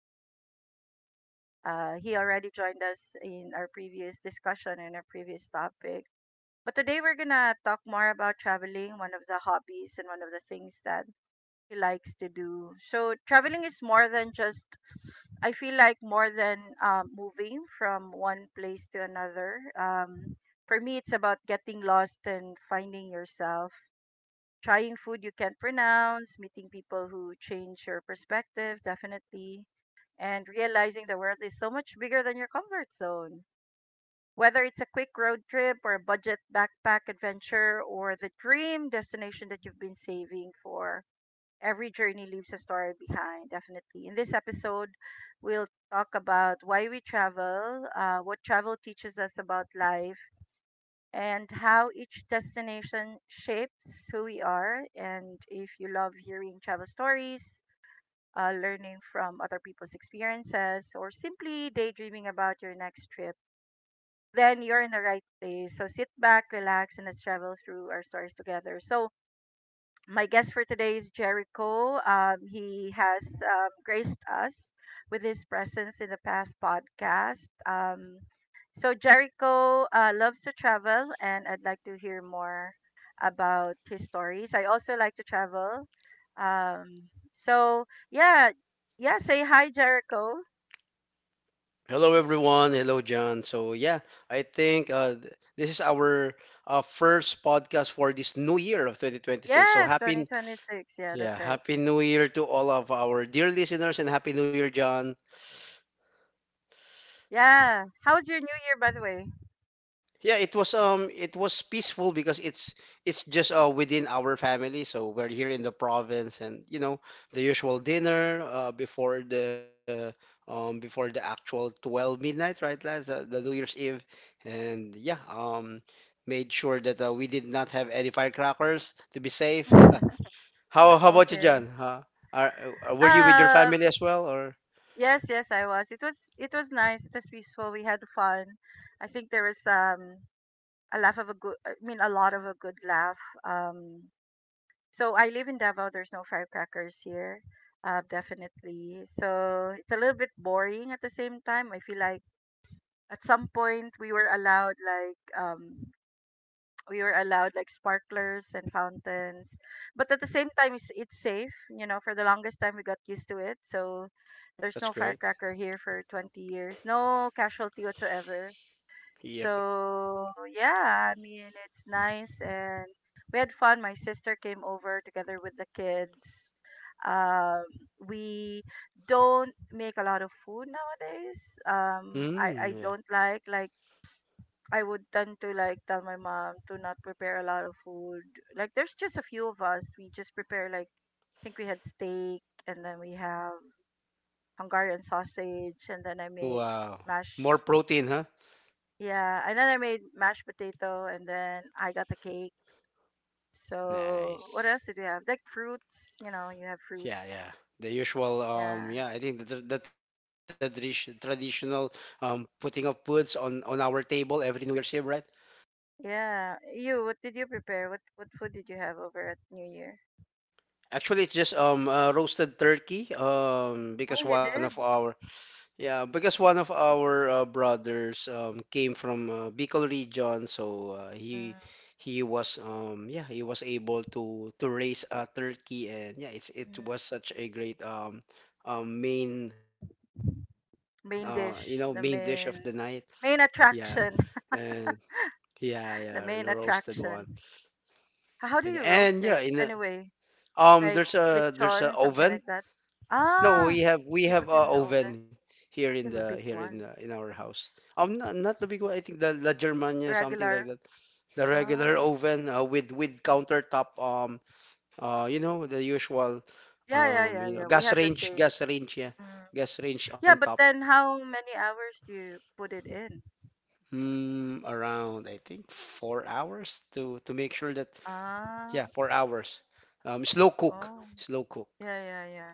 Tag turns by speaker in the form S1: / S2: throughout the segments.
S1: pod. Like he already joined us in our previous discussion and our previous topic. But today we're gonna talk more about traveling, one of the hobbies and one of the things that he likes to do. So traveling is more than just, I feel like, more than moving from one place to another, for me, it's about getting lost and finding yourself, trying food you can't pronounce, meeting people who change your perspective, definitely, and realizing the world is so much bigger than your comfort zone. Whether it's a quick road trip or a budget backpack adventure or the dream destination that you've been saving for, every journey leaves a story behind, definitely. In this episode, we'll talk about why we travel, what travel teaches us about life, and how each destination shapes who we are. And if you love hearing travel stories, learning from other people's experiences, or simply daydreaming about your next trip, then you're in the right place. So sit back, relax, and let's travel through our stories together. So, my guest for today is Jericho. He has graced us with his presence in the past podcast. So, Jericho loves to travel, and I'd like to hear more about his stories. I also like to travel. Um, so, yeah, yeah, say hi, Jericho.
S2: Hello, everyone. Hello, John. So, yeah, I think this is our first podcast for this new year of 2026.
S1: Yes, 2026. Yeah,
S2: Yeah,
S1: that's right.
S2: happy new year to all of our dear listeners and happy new year, John.
S1: Yeah. How was your new year, by the way?
S2: Yeah, it was peaceful because it's just within our family. So we're here in the province and you know the usual dinner before the actual 12 midnight, right, lads? The New Year's Eve. And yeah, made sure that we did not have any firecrackers to be safe. How how about you,
S1: Okay.
S2: John? Huh? are, uh, were you with your
S1: Um,
S2: family as well or
S1: Yes, yes, I was. It was nice. It was peaceful. We had fun. I think there was a laugh of a good. I mean, a lot of a good laugh. Um, so I live in Davao. There's no firecrackers here. Definitely. So it's a little bit boring at the same time. I feel like at some point we were allowed like sparklers and fountains, but at the same time, it's safe, for the longest time we got used to it, so there's
S2: that's
S1: no
S2: great.
S1: firecracker here for 20 years, no casualty whatsoever.
S2: Yep.
S1: So yeah, I mean, it's nice, and we had fun. My sister came over together with the kids. um we don't make a lot of food nowadays. um i
S2: Mm,
S1: i
S2: yeah.
S1: don't like I would tend to like tell my mom to not prepare a lot of food. Like there's just a few of us. We just prepare like, I think we had steak, and then we have Hungarian sausage, and then I made
S2: Wow. More
S1: mash
S2: protein, huh?
S1: yeah, and then I made mashed potato, and then I got the cake. So what
S2: Nice.
S1: else did we have? Like fruits, you know, you have
S2: Yeah,
S1: fruits.
S2: yeah. The usual,
S1: Yeah.
S2: yeah, I think the traditional putting of foods on our table every New Year's Eve, right?
S1: Yeah. What did you prepare? What food did you have over at New Year?
S2: Actually, it's just roasted turkey
S1: Oh,
S2: because
S1: you
S2: one
S1: did?
S2: of our yeah because one of our brothers came from Bicol region, so he was yeah he was able to raise a turkey and yeah it
S1: Mm-hmm.
S2: was such a great main main dish of the
S1: Main
S2: night.
S1: dish, the main
S2: Yeah.
S1: main
S2: And
S1: attraction.
S2: yeah, yeah, the
S1: The
S2: roasted
S1: main
S2: one.
S1: attraction.
S2: And
S1: How do
S2: and
S1: you
S2: yeah,
S1: roast it anyway?
S2: there's
S1: Like
S2: a
S1: lechon,
S2: oven.
S1: something like that.
S2: No, we
S1: Ah,
S2: have we
S1: so you
S2: have
S1: put
S2: a
S1: it in the oven.
S2: oven here in
S1: You have a big one,
S2: in our house. Not the big one. I think the La Germania something like
S1: regular.
S2: that. The regular
S1: Ah,
S2: oven with countertop. You know the usual.
S1: yeah, yeah, yeah,
S2: You
S1: yeah.
S2: know
S1: We have the same.
S2: yeah,
S1: Mm.
S2: gas range on
S1: Yeah, but
S2: top.
S1: then how many hours do you put it in?
S2: Mm, around I think 4 hours to make sure that
S1: Ah,
S2: yeah, 4 hours. Slow cook.
S1: oh,
S2: Slow cook.
S1: yeah, yeah, yeah.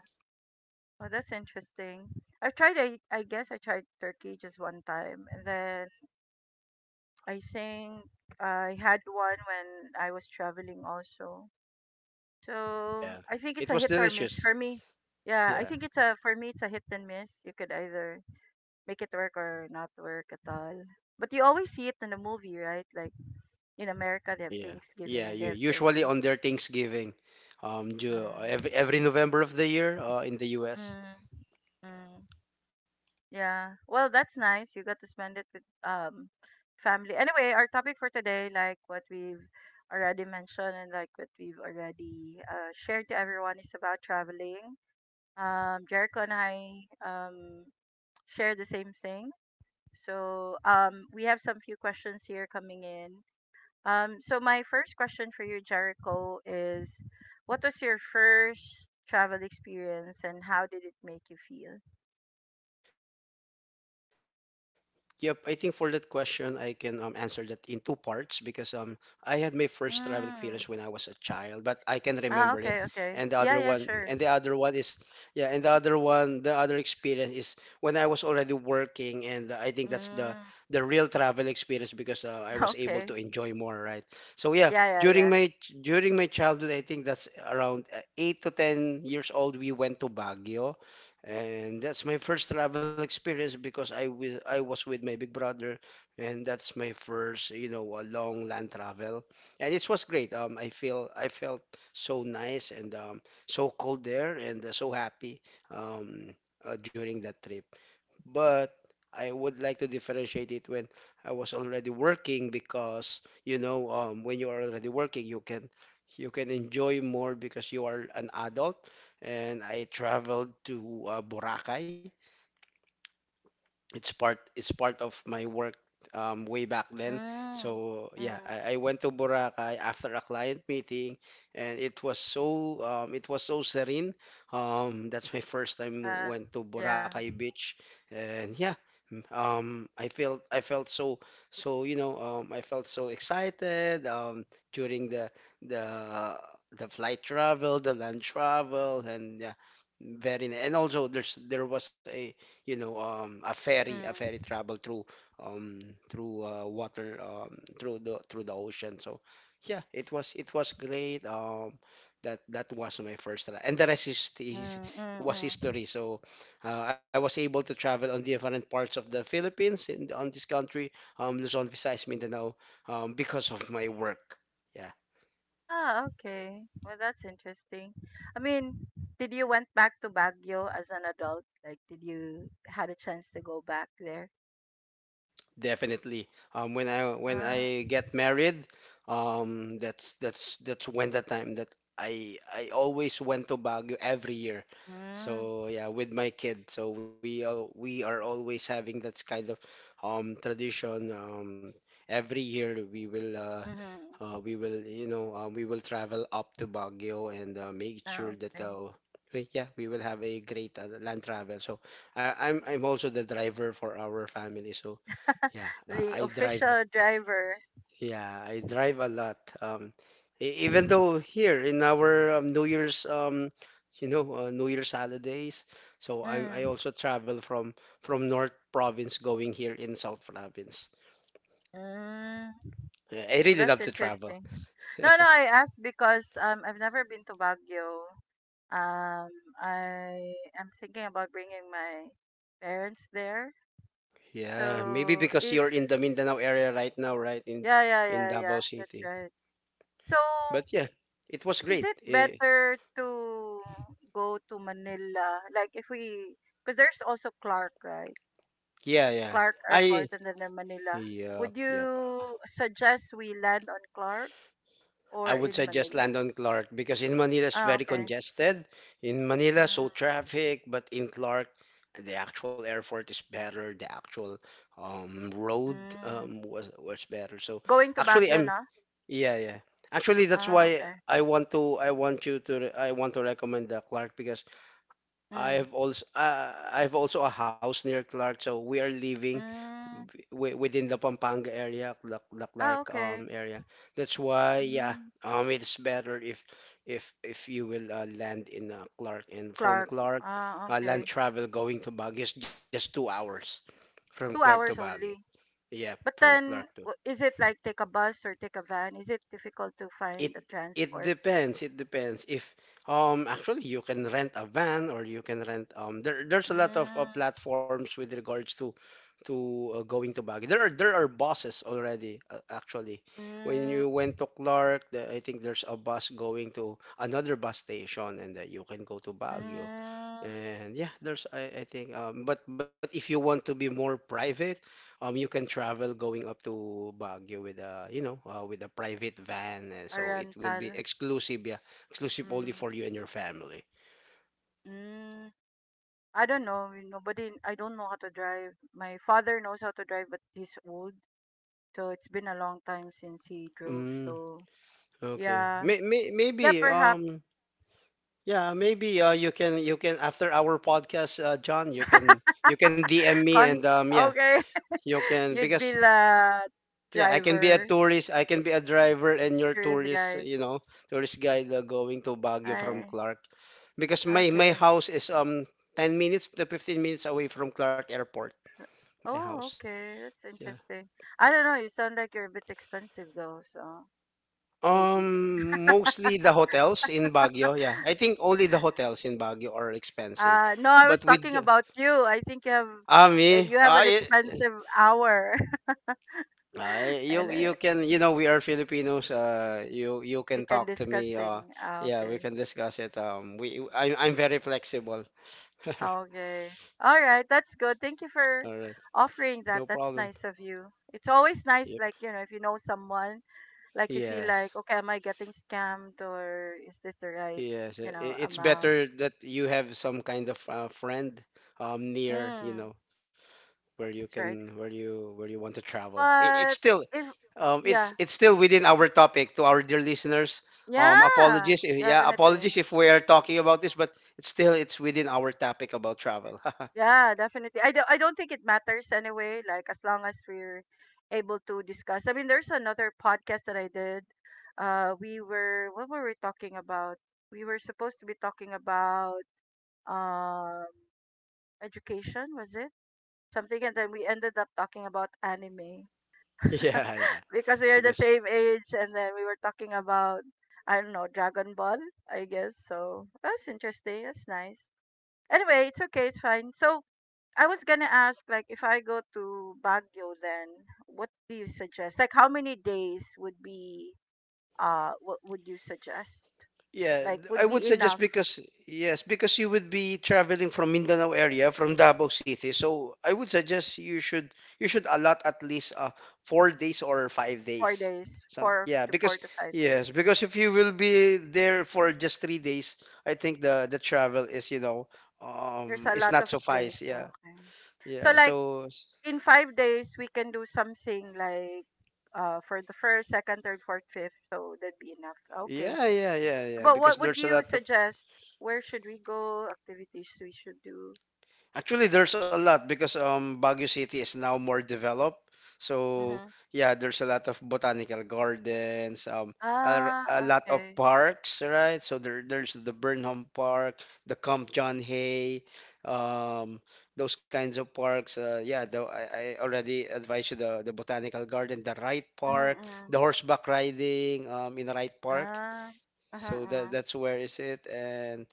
S1: Well, that's interesting. I tried. I guess I tried turkey just one time, and then I think I had one when I was traveling also. So
S2: Yeah.
S1: I think it's
S2: It
S1: a
S2: was
S1: hit or
S2: delicious.
S1: miss for me. Yeah, I
S2: Yeah.
S1: think, it's a for me, it's a hit and miss. You could either make it work or not work at all. But you always see it in a movie, right? Like in America they have
S2: Yeah.
S1: Thanksgiving,
S2: Yeah.
S1: and they
S2: You
S1: have
S2: usually
S1: turkey.
S2: on their Thanksgiving,
S1: Mm,
S2: every November of the year, in the U.S.
S1: mm, mm. Yeah. Well, that's nice. You got to spend it with family. Anyway, our topic for today, like what we've already mentioned and like what we've already shared to everyone, is about traveling. Jericho and I share the same thing. So we have some few questions here coming in. So my first question for you, Jericho, is what was your first travel experience and how did it make you feel?
S2: Yep, I think for that question, I can answer that in two parts because I had my first travel experience when I was a
S1: Mm.
S2: child, but I can remember it.
S1: Ah,
S2: And the
S1: okay,
S2: other
S1: okay.
S2: one, and
S1: Yeah,
S2: the
S1: yeah,
S2: other
S1: sure.
S2: one is, yeah, and the other one, the other experience is when I was already working, and I think that's
S1: Mm,
S2: the real travel experience because I was able to
S1: okay.
S2: enjoy more, right? So yeah,
S1: Yeah, yeah,
S2: during
S1: yeah.
S2: my during my childhood, I think that's around 8 to 10 years old, we went to Baguio and that's my first travel experience because I was with my big brother, and that's my first you know a long land travel, and it was great. I felt so nice and so cold there and so happy um during that trip but I would like to differentiate it when I was already working because you know when you are already working you can enjoy more because you are an adult and I traveled to Boracay it's part of my work way back then.
S1: Mm,
S2: So yeah,
S1: mm,
S2: I went to Boracay after a client meeting, and it was so serene. That's my first time
S1: uh,
S2: went to
S1: yeah.
S2: Boracay Beach, and yeah. I felt so so you know I felt so excited during the the flight travel the land travel and yeah and also there was a you know a ferry
S1: Mm,
S2: travel through um through water through the ocean so yeah it was great that was my first and the rest is
S1: mm, mm,
S2: was
S1: mm.
S2: history so I was able to travel on different parts of the Philippines in on this country Luzon Visayas Mindanao because of my work yeah.
S1: Ah, okay. Well, that's interesting. I mean, did you went back to Baguio as an adult? Like, did you had a chance to go back there?
S2: Definitely. When I
S1: Mm,
S2: get married, that's when the time that I always went to Baguio every year.
S1: mm,
S2: So yeah, with my kid. So we are always having that kind of tradition. Every year
S1: mm-hmm.
S2: we will, you know, we will travel up to Baguio and make
S1: Ah,
S2: sure that,
S1: okay.
S2: yeah, we will have a great land travel. So I'm also the driver for our family. So yeah,
S1: The
S2: I drive.
S1: official driver.
S2: Yeah, I drive a lot. Even though here in our New Year's, New Year's holidays, so I
S1: Mm,
S2: also travel from North Province going here in South Province.
S1: mm.
S2: Yeah, I
S1: Well,
S2: really
S1: that's
S2: love to travel.
S1: interesting. No, no, I asked because I've never been to Baguio. Um, I am thinking about bringing my parents there.
S2: Yeah, maybe
S1: So
S2: because
S1: if
S2: you're in the Mindanao area right now, right?
S1: Yeah, yeah,
S2: In
S1: yeah, yeah,
S2: Davao
S1: that's
S2: City.
S1: right. So,
S2: But yeah, it was
S1: is
S2: great.
S1: it better to go to Manila? Like if we, Because there's also Clark, right?
S2: Yeah, yeah.
S1: Clark
S2: I
S1: Airport, and then there's Manila.
S2: yep,
S1: Would
S2: yep.
S1: you suggest we land on Clark
S2: I
S1: or
S2: would
S1: in
S2: suggest
S1: Manila?
S2: Landon Clark because in Manila it's
S1: Ah,
S2: very
S1: okay.
S2: congested. In Manila, so
S1: Mm,
S2: traffic, but in Clark, the actual airport is better. The actual road
S1: mm.
S2: was better. So
S1: Going to
S2: actually,
S1: Baguio
S2: I'm
S1: na?
S2: yeah, yeah. Actually, that's
S1: Ah,
S2: why
S1: okay.
S2: I want to recommend the Clark because
S1: Mm.
S2: I have also a house near Clark, so we are living
S1: Mm.
S2: within the Pampanga area, the
S1: Ah,
S2: Clark
S1: okay.
S2: area. That's why, yeah,
S1: Mm.
S2: it's better if you will land in Clark, and from
S1: Clark.
S2: Clark,
S1: Ah,
S2: land
S1: okay.
S2: travel going to Baguio is just 2 hours from Clark
S1: Two
S2: to
S1: hours
S2: Baguio.
S1: only.
S2: Yeah,
S1: But
S2: from Clark.
S1: then, is it like take a bus or take a van? Is it difficult to find
S2: it
S1: the transport?
S2: it depends if actually you can rent a van or you can rent there's a lot of
S1: Mm.
S2: platforms with regards to going to Baguio there are buses already actually when you
S1: Mm.
S2: went to Clark I think there's a bus going to another bus station and you can go to Baguio
S1: Mm.
S2: and yeah I think but if you want to be more private you can travel going up to Baguio with a you know with a private van
S1: A
S2: and so it will
S1: rental.
S2: be exclusive yeah exclusive only
S1: Mm.
S2: for you and your family.
S1: Mm. I don't know. I don't know how to drive. My father knows how to drive, but he's old. So it's been a long time since he drove.
S2: mm,
S1: So, yeah. Yeah,
S2: maybe
S1: perhaps.
S2: yeah maybe you can after our podcast John you can DM me and
S1: Con
S2: yeah
S1: Okay.
S2: you can
S1: You'd be
S2: because
S1: the
S2: yeah, I can be a
S1: driver,
S2: tourist, I can be a driver and your
S1: tourist
S2: tourist,
S1: guide.
S2: you know, tourist guide going to Baguio from
S1: I
S2: Clark because my
S1: Okay.
S2: house is 10 minutes to 15 minutes away from Clark Airport, my
S1: Oh,
S2: house.
S1: okay. That's
S2: Yeah.
S1: interesting. I don't know. You sound like you're a bit expensive though, so maybe.
S2: Mostly the hotels in Baguio. Yeah, I think only the hotels in Baguio are expensive.
S1: No, I was
S2: But with
S1: talking about you. I think you have
S2: ah me,
S1: uh, you have
S2: ah,
S1: an
S2: I-
S1: expensive hour,
S2: You
S1: and
S2: you can you know we are Filipinos. You
S1: we
S2: can
S1: can
S2: talk to
S1: discuss
S2: me.
S1: thing. Ah,
S2: Yeah, we
S1: okay.
S2: can discuss it. We I'm very flexible.
S1: Okay. All right. That's good. Thank you
S2: All
S1: for
S2: right,
S1: offering
S2: no
S1: that.
S2: problem.
S1: That's nice of you. It's always nice,
S2: Yep.
S1: like, you know, if you know someone, like, you feel like,
S2: Yes,
S1: okay, am I getting scammed, or is this the right,
S2: yes. i- i- It's
S1: amount?
S2: better that you have some kind of friend near. You
S1: Mm,
S2: know, where you
S1: that's
S2: can
S1: right.
S2: where you want to travel. It's
S1: But
S2: still
S1: if,
S2: it's
S1: yeah,
S2: still within our topic to our dear listeners.
S1: yeah,
S2: Apologies, if, yeah,
S1: definitely.
S2: apologies if we are talking about this, but it's within our topic about travel.
S1: Yeah, definitely. I don't think it matters anyway, like as long as we're able to discuss. I mean, there's another podcast that I did. We were What were we talking about? We were supposed to be talking about um education, was it? Something, and then we ended up talking about anime
S2: yeah, yeah,
S1: because we are the
S2: because
S1: same age, and then we were talking about, I don't know, Dragon Ball, I guess. So that's interesting. That's nice. Anyway, it's okay, it's fine. So I was gonna ask, like, if I go to Baguio, then what do you suggest? Like, how many days would be, what would you suggest?
S2: yeah,
S1: Like, would
S2: I
S1: be
S2: would suggest
S1: enough
S2: because yes, because you would be traveling from Mindanao area, from Davao City. So I would suggest you should allot at least 4 days or five
S1: four
S2: days.
S1: days,
S2: Yeah,
S1: four
S2: because
S1: to five days.
S2: yes, because if you will be there for just 3 days, I think the travel is you know
S1: There's a
S2: is
S1: lot
S2: not
S1: of
S2: suffice.
S1: place.
S2: Yeah,
S1: Okay.
S2: yeah.
S1: So, like,
S2: So
S1: in 5 days, we can do something like, for the first, second, third, fourth, fifth. So that'd be enough. Okay.
S2: yeah, yeah, yeah, yeah.
S1: But what
S2: Because
S1: would
S2: there's a
S1: you
S2: lot of
S1: suggest? Where should we go? Activities we should do?
S2: actually, there's a lot because Baguio City is now more developed. So
S1: Mm-hmm.
S2: yeah, there's a lot of botanical gardens, a
S1: Ah,
S2: lot of
S1: okay.
S2: parks, right? So there's the Burnham Park, the Camp John Hay, um, those kinds of parks. Yeah, I already advised you the botanical garden, the Wright Park,
S1: Mm.
S2: the horseback riding in Wright Park.
S1: Ah. Uh-huh,
S2: So
S1: uh-huh.
S2: that's where is it and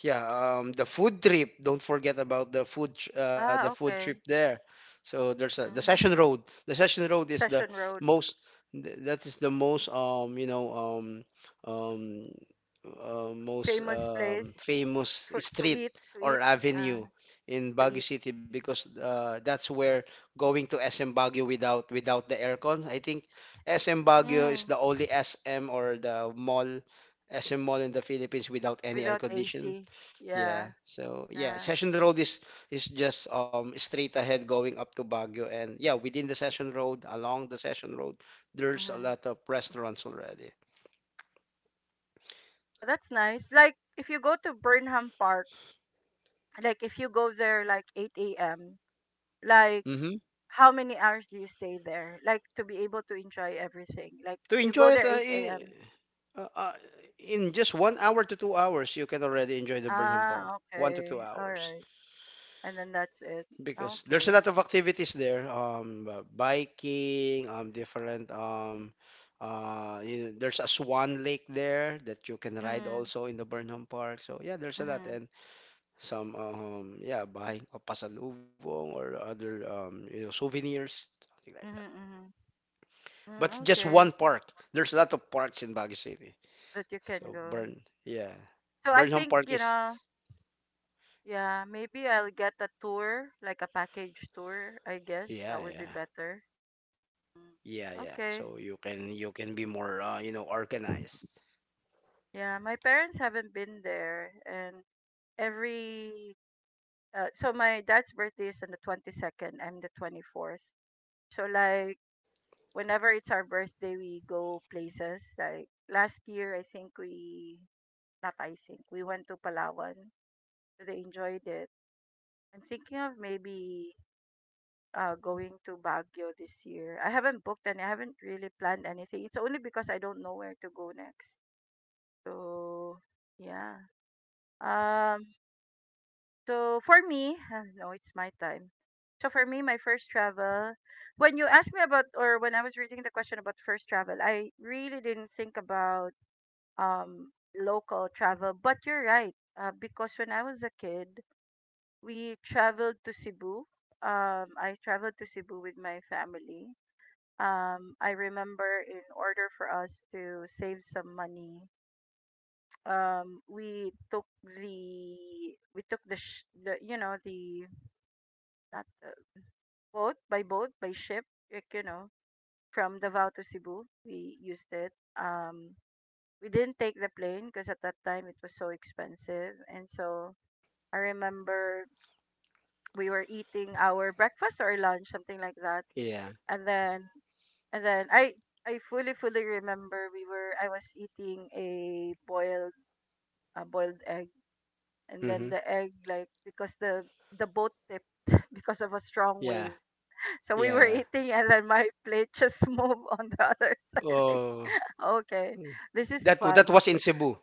S2: yeah, the food trip. Don't forget about the food, the
S1: Ah,
S2: food trip
S1: okay.
S2: there. So there's a, the Session
S1: Mm.
S2: Road. The Session Road is
S1: Session Road,
S2: most. That is the most um most
S1: famous place
S2: famous
S1: for
S2: street or
S1: uh,
S2: avenue in
S1: to
S2: Baguio
S1: eat.
S2: City because that's where going to SM Baguio without the aircon. I think SM Baguio is
S1: Mm.
S2: the only SM or the mall SM mall in the Philippines without any air
S1: Without
S2: condition
S1: AC.
S2: yeah.
S1: Yeah,
S2: So yeah,
S1: yeah.
S2: Session Road is just straight ahead going up to Baguio and yeah, within the Session Road, along the Session Road, there's a
S1: Mm-hmm.
S2: lot of restaurants already.
S1: Oh, that's nice. Like if you go to Burnham Park, like if you go there like 8 a.m., like
S2: Mm-hmm.
S1: how many hours do you stay there? Like to be able to enjoy everything. Like
S2: To
S1: you go
S2: enjoy it,
S1: there 8 a.m.
S2: uh, uh, in just 1 hour to 2 hours, you can already enjoy the Burnham Park.
S1: Ah,
S2: One to two
S1: okay. All
S2: hours.
S1: right. And then that's it.
S2: Because there's a
S1: Okay.
S2: lot of activities there, biking, different, there's a Swan Lake there that you can ride
S1: Mm,
S2: also in the Burnham Park. So yeah, there's a lot
S1: mhm,
S2: and some, yeah, buying a pasalubong or other, souvenirs, something like that.
S1: mhm, mhm. Mm,
S2: But it's just
S1: okay,
S2: one park. There's a lot of parks in Baguio City.
S1: that you can
S2: So
S1: go. So I
S2: Burnham
S1: think,
S2: Park is,
S1: yeah, maybe I'll get a tour, like a package tour, I guess
S2: yeah,
S1: that would
S2: yeah,
S1: be better.
S2: yeah, yeah.
S1: Mm,
S2: So you can
S1: okay.
S2: you can be more, organized.
S1: Yeah, my parents haven't been there, and every so my dad's birthday is on the 22nd, I'm the 24th. So, like, whenever it's our birthday, we go places. Like last year, I think we, not, I think we went to Palawan, that I enjoyed it. I'm thinking of maybe going to Baguio this year. I haven't booked, and I haven't really planned anything. It's only because I don't know where to go next. So yeah. Um so for me, no, it's my time. So for me, my first travel, when you asked me about, or when I was reading the question about first travel, I really didn't think about local travel, but you're right. Because when I was a kid, we traveled to Cebu. I traveled to Cebu with my family. I remember in order for us to save some money, um, we took the we took the, the not the boat, by ship, like, from Davao to Cebu. We used it. Um, we didn't take the plane because at that time it was so expensive, and so I remember we were eating our breakfast or lunch, something like that.
S2: Yeah.
S1: And then and then I fully remember we were I was eating a boiled egg. And then
S2: Mhm.
S1: the egg, like, because the boat tipped because of a strong
S2: Yeah.
S1: wave. So
S2: Yeah,
S1: we were
S2: yeah.
S1: eating and then my plate just moved on the other side, like,
S2: Oh,
S1: okay,
S2: mm.
S1: this is
S2: That
S1: fun.
S2: was in Cebu.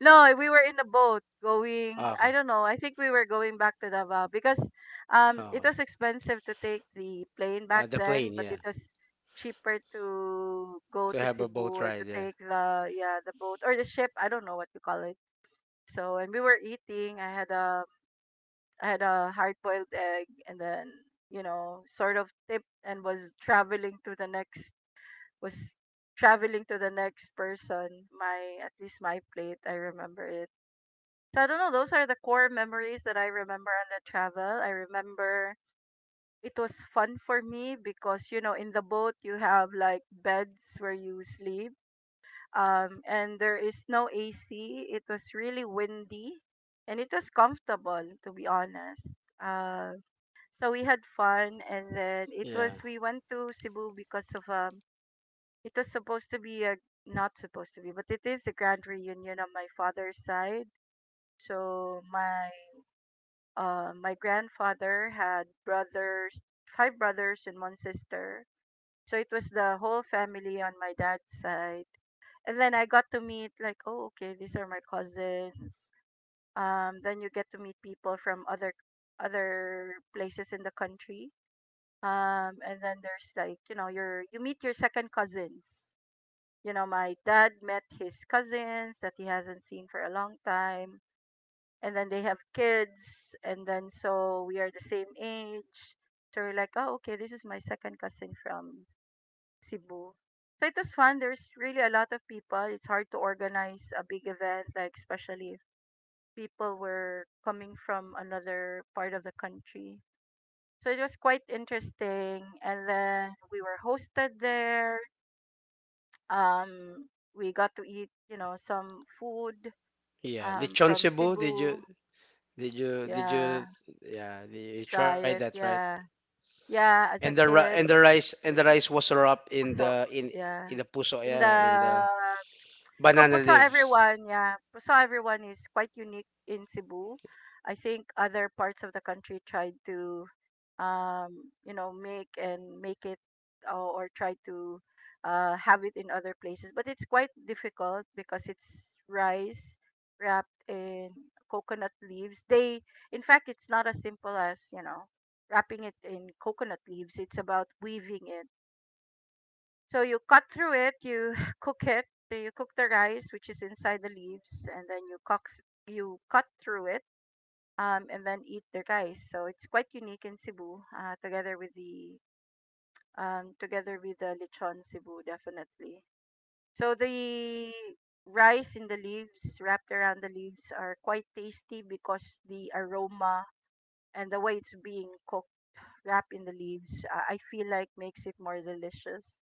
S1: No, we were in a boat going, I
S2: Okay.
S1: don't know, I think we were going back to Davao because
S2: Okay.
S1: it was expensive to take the plane back
S2: The plane,
S1: then, but
S2: yeah.
S1: it was cheaper to go
S2: To
S1: to
S2: have a
S1: Cebu
S2: boat
S1: or to
S2: ride, yeah.
S1: take the, yeah, the boat or the ship, I don't know what you call it. So, and we were eating, I had a hard-boiled egg and then, you know, sort of tip and was traveling to the next, was traveling to the next person, my, at least my plate, I remember it. So I don't know, those are the core memories that I remember on the travel. I remember it was fun for me because you know in the boat you have like beds where you sleep, and there is no AC. It was really windy and it was comfortable to be honest. Uh, so we had fun, and then it
S2: Yeah.
S1: was we went to Cebu because of, it was supposed to be a, not supposed to be, but it is the grand reunion on my father's side. So my grandfather had brothers, five brothers and one sister. So it was the whole family on my dad's side. And then I got to meet, like, oh, okay, these are my cousins. Then you get to meet people from other places in the country. And then there's, like, you know, you meet your second cousins. You know, my dad met his cousins that he hasn't seen for a long time, and then they have kids, and then so we are the same age, so we're like, oh okay, this is my second cousin from Cebu. So it was fun. There's really a lot of people. It's hard to organize a big event, like especially if people were coming from another part of the country. So it was quite interesting, and then we were hosted there. um we got to eat, you know, some food,
S2: Yeah. Lechon
S1: from
S2: Cebu, did
S1: Cebu.
S2: you did you did
S1: Yeah,
S2: you yeah, you tried
S1: try
S2: that,
S1: it,
S2: right?
S1: yeah. Yeah,
S2: And
S1: as
S2: the
S1: a
S2: ri-
S1: kid,
S2: and the rice was wrapped in
S1: puso.
S2: the in in
S1: Yeah.
S2: the puso,
S1: In
S2: yeah, in
S1: the
S2: the
S1: So
S2: banana
S1: puso
S2: leaves.
S1: everyone, yeah. Puso everyone is quite unique in Cebu. I think other parts of the country tried to, you know, make and make it, or try to, have it in other places, but it's quite difficult because it's rice wrapped in coconut leaves. They In fact, it's not as simple as, you know, wrapping it in coconut leaves. It's about weaving it. So you cut through it, you cook it. So you cook the rice which is inside the leaves, and then you cook, you cut through it, and then eat the rice. So it's quite unique in Cebu, together with the lechon Cebu, definitely. So the rice in the leaves, wrapped around the leaves, are quite tasty because the aroma and the way it's being cooked, wrapped in the leaves, I feel like makes it more delicious.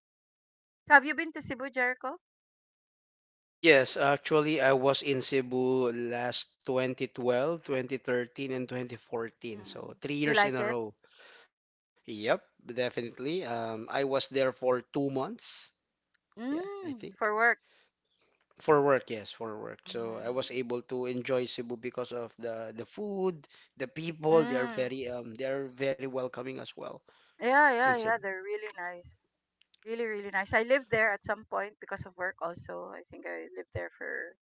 S1: So have you been to Cebu, Jericho?
S2: Yes, actually I was in Cebu last 2012, 2013 and 2014.
S1: Mm.
S2: So 3
S1: You
S2: years in
S1: like
S2: a
S1: it?
S2: row. Yep, definitely. I was there for 2 months. Yeah, I
S1: Mm,
S2: think
S1: for work.
S2: for work. Yes, for work. So I was
S1: Mm.
S2: able to enjoy Cebu because of the food, the people. They are
S1: Mm.
S2: very welcoming as well
S1: Yeah,
S2: in
S1: yeah, yeah.
S2: Cebu.
S1: They're really nice. Really, really nice. I lived there at some point because of work also. I think I lived there for,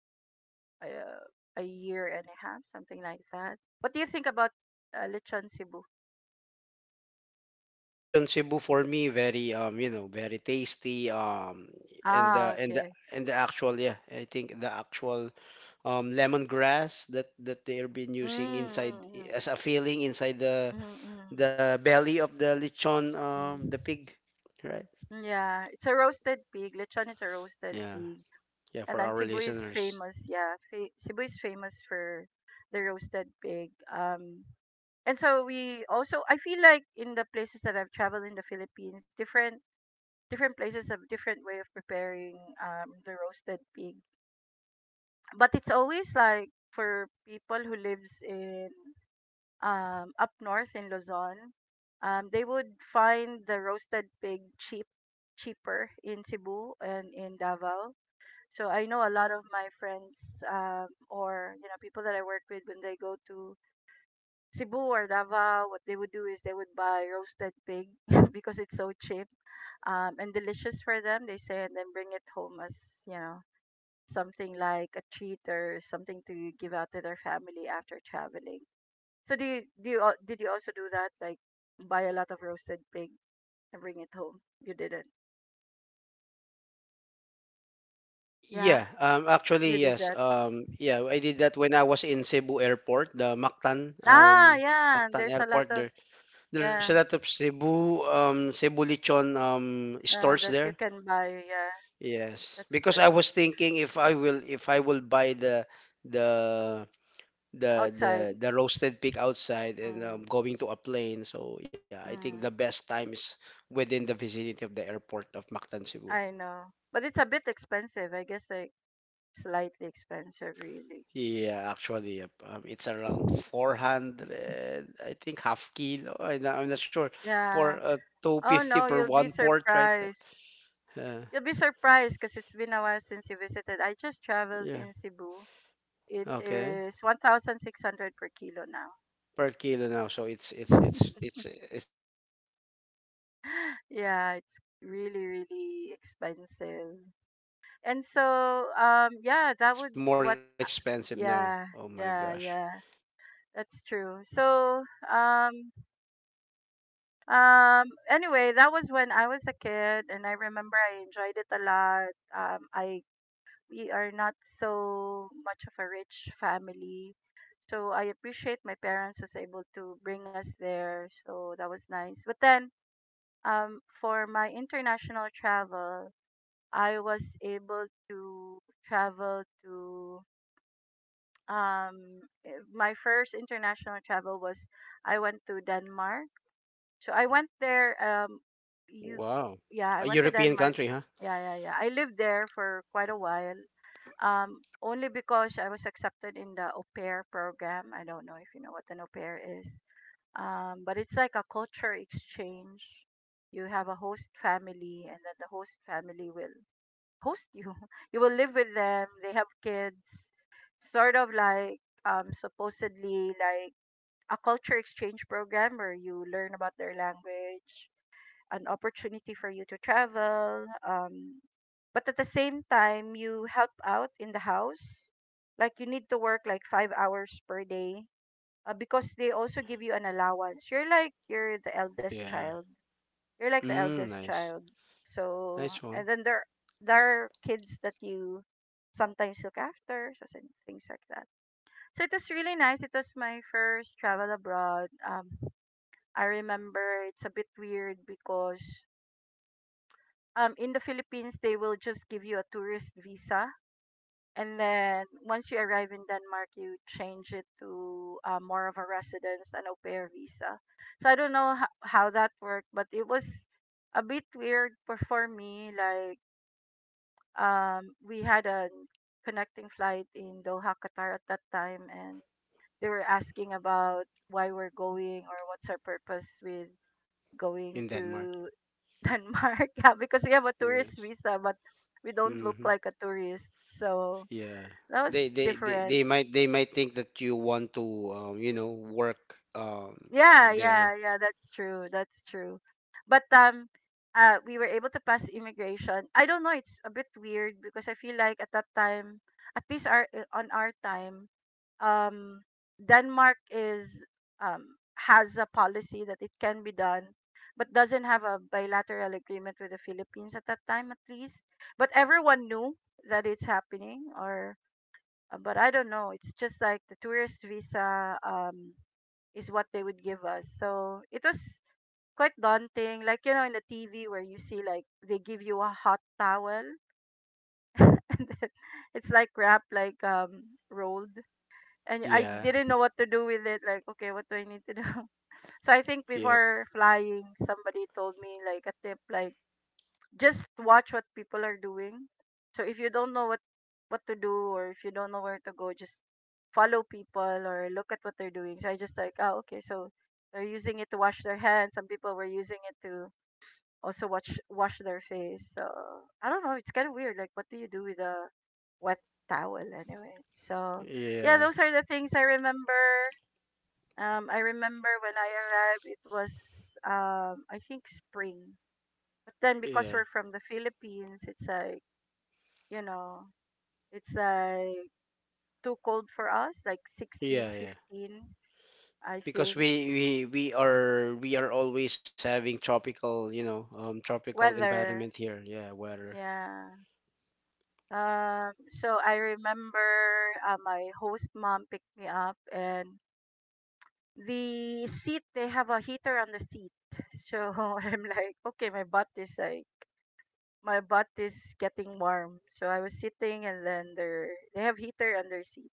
S1: uh, a year and a half, something like that. What do you think about, Lechon Cebu?
S2: Lechon Cebu for me very very tasty and the
S1: Ah,
S2: and the
S1: okay.
S2: and the actual, yeah, I think the actual lemongrass that they're been using
S1: Mm,
S2: inside
S1: mm,
S2: as a filling inside
S1: mm, mm,
S2: the belly of the lechon,
S1: mm,
S2: the pig, right?
S1: mm. Yeah, it's a roasted pig. Lechon is a roasted
S2: Yeah,
S1: pig.
S2: yeah,
S1: And
S2: for
S1: then
S2: our
S1: Cebu is
S2: listeners.
S1: famous, yeah. Cebu is famous for the roasted pig. And so we also, I feel like in the places that I've traveled in the Philippines, different places have different way of preparing, the roasted pig. But it's always like for people who lives in, up north in Luzon, they would find the roasted pig cheap, cheaper in Cebu and in Davao. So I know a lot of my friends, or you know people that I work with, when they go to Cebu or Davao, what they would do is they would buy roasted pig because it's so cheap, and delicious for them. They say, and then bring it home as, you know, something like a treat or something to give out to their family after traveling. So did you also do that, like buy a lot of roasted pig and bring it home? You didn't. Yeah,
S2: Yeah, actually,
S1: you did
S2: yes.
S1: that.
S2: Yeah, I did that when I was in Cebu Airport, the Mactan,
S1: Ah, yeah.
S2: Mactan
S1: There's a lot
S2: Airport
S1: of,
S2: there. There's a
S1: yeah.
S2: lot of Cebu, Cebu lechon, stores
S1: That you
S2: there.
S1: can buy, yeah,
S2: Yes,
S1: that's
S2: because I
S1: true.
S2: was thinking if I will buy the the
S1: Outside,
S2: the roasted pig outside and,
S1: mm,
S2: going to a plane. So yeah, I think the
S1: mm,
S2: best time is within the vicinity of the airport of Mactan, Cebu.
S1: I know, but it's a bit expensive. I guess like slightly expensive, really.
S2: Yeah, actually, yep. It's around 400, I think half kilo. I'm not sure
S1: Yeah.
S2: for
S1: Oh
S2: 250
S1: no,
S2: per
S1: you'll be
S2: one port, right?
S1: surprised.
S2: Uh,
S1: You'll be surprised because it's been a while since you visited. I just traveled in
S2: yeah.
S1: Cebu. It
S2: Okay.
S1: is 1,600 per kilo now.
S2: Per kilo now, so it's it's it's it's it's more expensive now. Oh my gosh.
S1: Yeah, it's really, really expensive. And so, yeah, that would what, yeah, yeah, yeah. That's true. So, um, anyway, that was when I was a kid, and I remember I enjoyed it a lot. I We are not so much of a rich family, so I appreciate my parents was able to bring us there. So that was nice. But then, for my international travel, I was able to travel to eh, my first international travel was, I went to Denmark So I went there.
S2: Wow.
S1: You,
S2: A European
S1: yeah, I
S2: country,
S1: went to
S2: huh?
S1: Denmark. Yeah, yeah, yeah. I lived there for quite a while. Only because I was accepted in the au pair program. I don't know if you know what an au pair is. But it's like a culture exchange. You have a host family, and then the host family will host you. You will live with them. They have kids. Sort of like, supposedly like a culture exchange program where you learn about their language, an opportunity for you to travel, but at the same time you help out in the house, like you need to work like 5 hours per day. Because they also give you an allowance, you're the eldest
S2: Yeah.
S1: child, you're like the
S2: Mm,
S1: eldest
S2: nice.
S1: child so
S2: Nice one.
S1: and then there are kids that you sometimes look after, so things like that. So it was really nice, it was my first travel abroad. I remember it's a bit weird because in the Philippines they will just give you a tourist visa, and then once you arrive in Denmark you change it to, more of a residence and au pair visa. So I don't know how that worked, but it was a bit weird for me, like, we had a connecting flight in Doha, Qatar at that time, and they were asking about why we're going or what's our purpose with
S2: In
S1: going
S2: Denmark.
S1: to Denmark. Yeah, because we have a
S2: Yeah.
S1: tourist visa, but we don't look
S2: Hmm.
S1: like a tourist. So
S2: Yeah.
S1: that was
S2: They, they they
S1: different.
S2: they might think that you want to, work
S1: Yeah,
S2: there.
S1: yeah, yeah. That's true. That's true. But We were able to pass immigration. I don't know. It's a bit weird because I feel like at that time, at least our eh, on our time, um, Denmark is, has a policy that it can be done, but doesn't have a bilateral agreement with the Philippines at that time, at least. But everyone knew that it's happening, or, but I don't know. It's just like the tourist visa, is what they would give us, so it was quite daunting. Like you know, in the TV where you see like they give you a hot towel, and then it's like wrapped like, rolled, and I
S2: Yeah.
S1: didn't know what to do with it. Like, okay, what do I need to do? So I think
S2: Yeah.
S1: before flying, somebody told me like a tip, like just watch what people are doing. So if you don't know what to do, or if you don't know where to go, just follow people or look at what they're doing. So I just like, oh, okay, so they're using it to wash their hands. Some people were using it to also wash their face. So I don't know. It's kind of weird. Like, what do you do with a wet towel anyway? So yeah,
S2: Yeah.
S1: those are the things I remember. I remember when I arrived, it was, I think spring. But then
S2: Yeah.
S1: because we're from the Philippines, it's like, you know, it's like too cold for us, like
S2: Yeah.
S1: 16,
S2: Yeah.
S1: 15, I
S2: Because
S1: think.
S2: we are always having tropical, you know, tropical environment
S1: Weather,
S2: here. Yeah, weather.
S1: yeah. So I remember my host mom picked me up, and the seat they have a heater on the seat. So I'm like, okay, my butt is getting warm. So I was sitting, and then they have heater on their seat.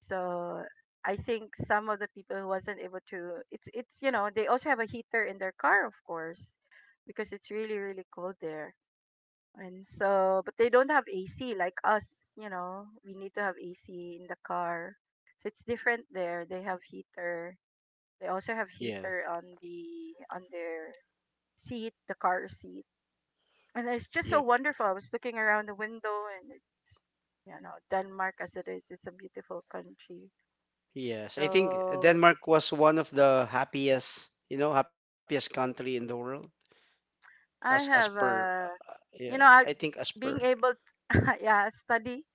S1: So I think some of the people who wasn't able to, it's they also have a heater in their car, of course, because it's really really cold there. And so, but they don't have AC like us. We need to have AC in the car. So it's different there. They have heater. They also have
S2: Yeah.
S1: heater on their seat, the car seat. And it's just
S2: Yep.
S1: so wonderful. I was looking around the window, and Denmark as it is, it's a beautiful country.
S2: Yes. I think
S1: So
S2: Denmark was one of the happiest, you know, happiest country in the world, as as
S1: I have
S2: per
S1: a
S2: yeah,
S1: you know,
S2: I
S1: I
S2: think as per
S1: being able to yeah, study.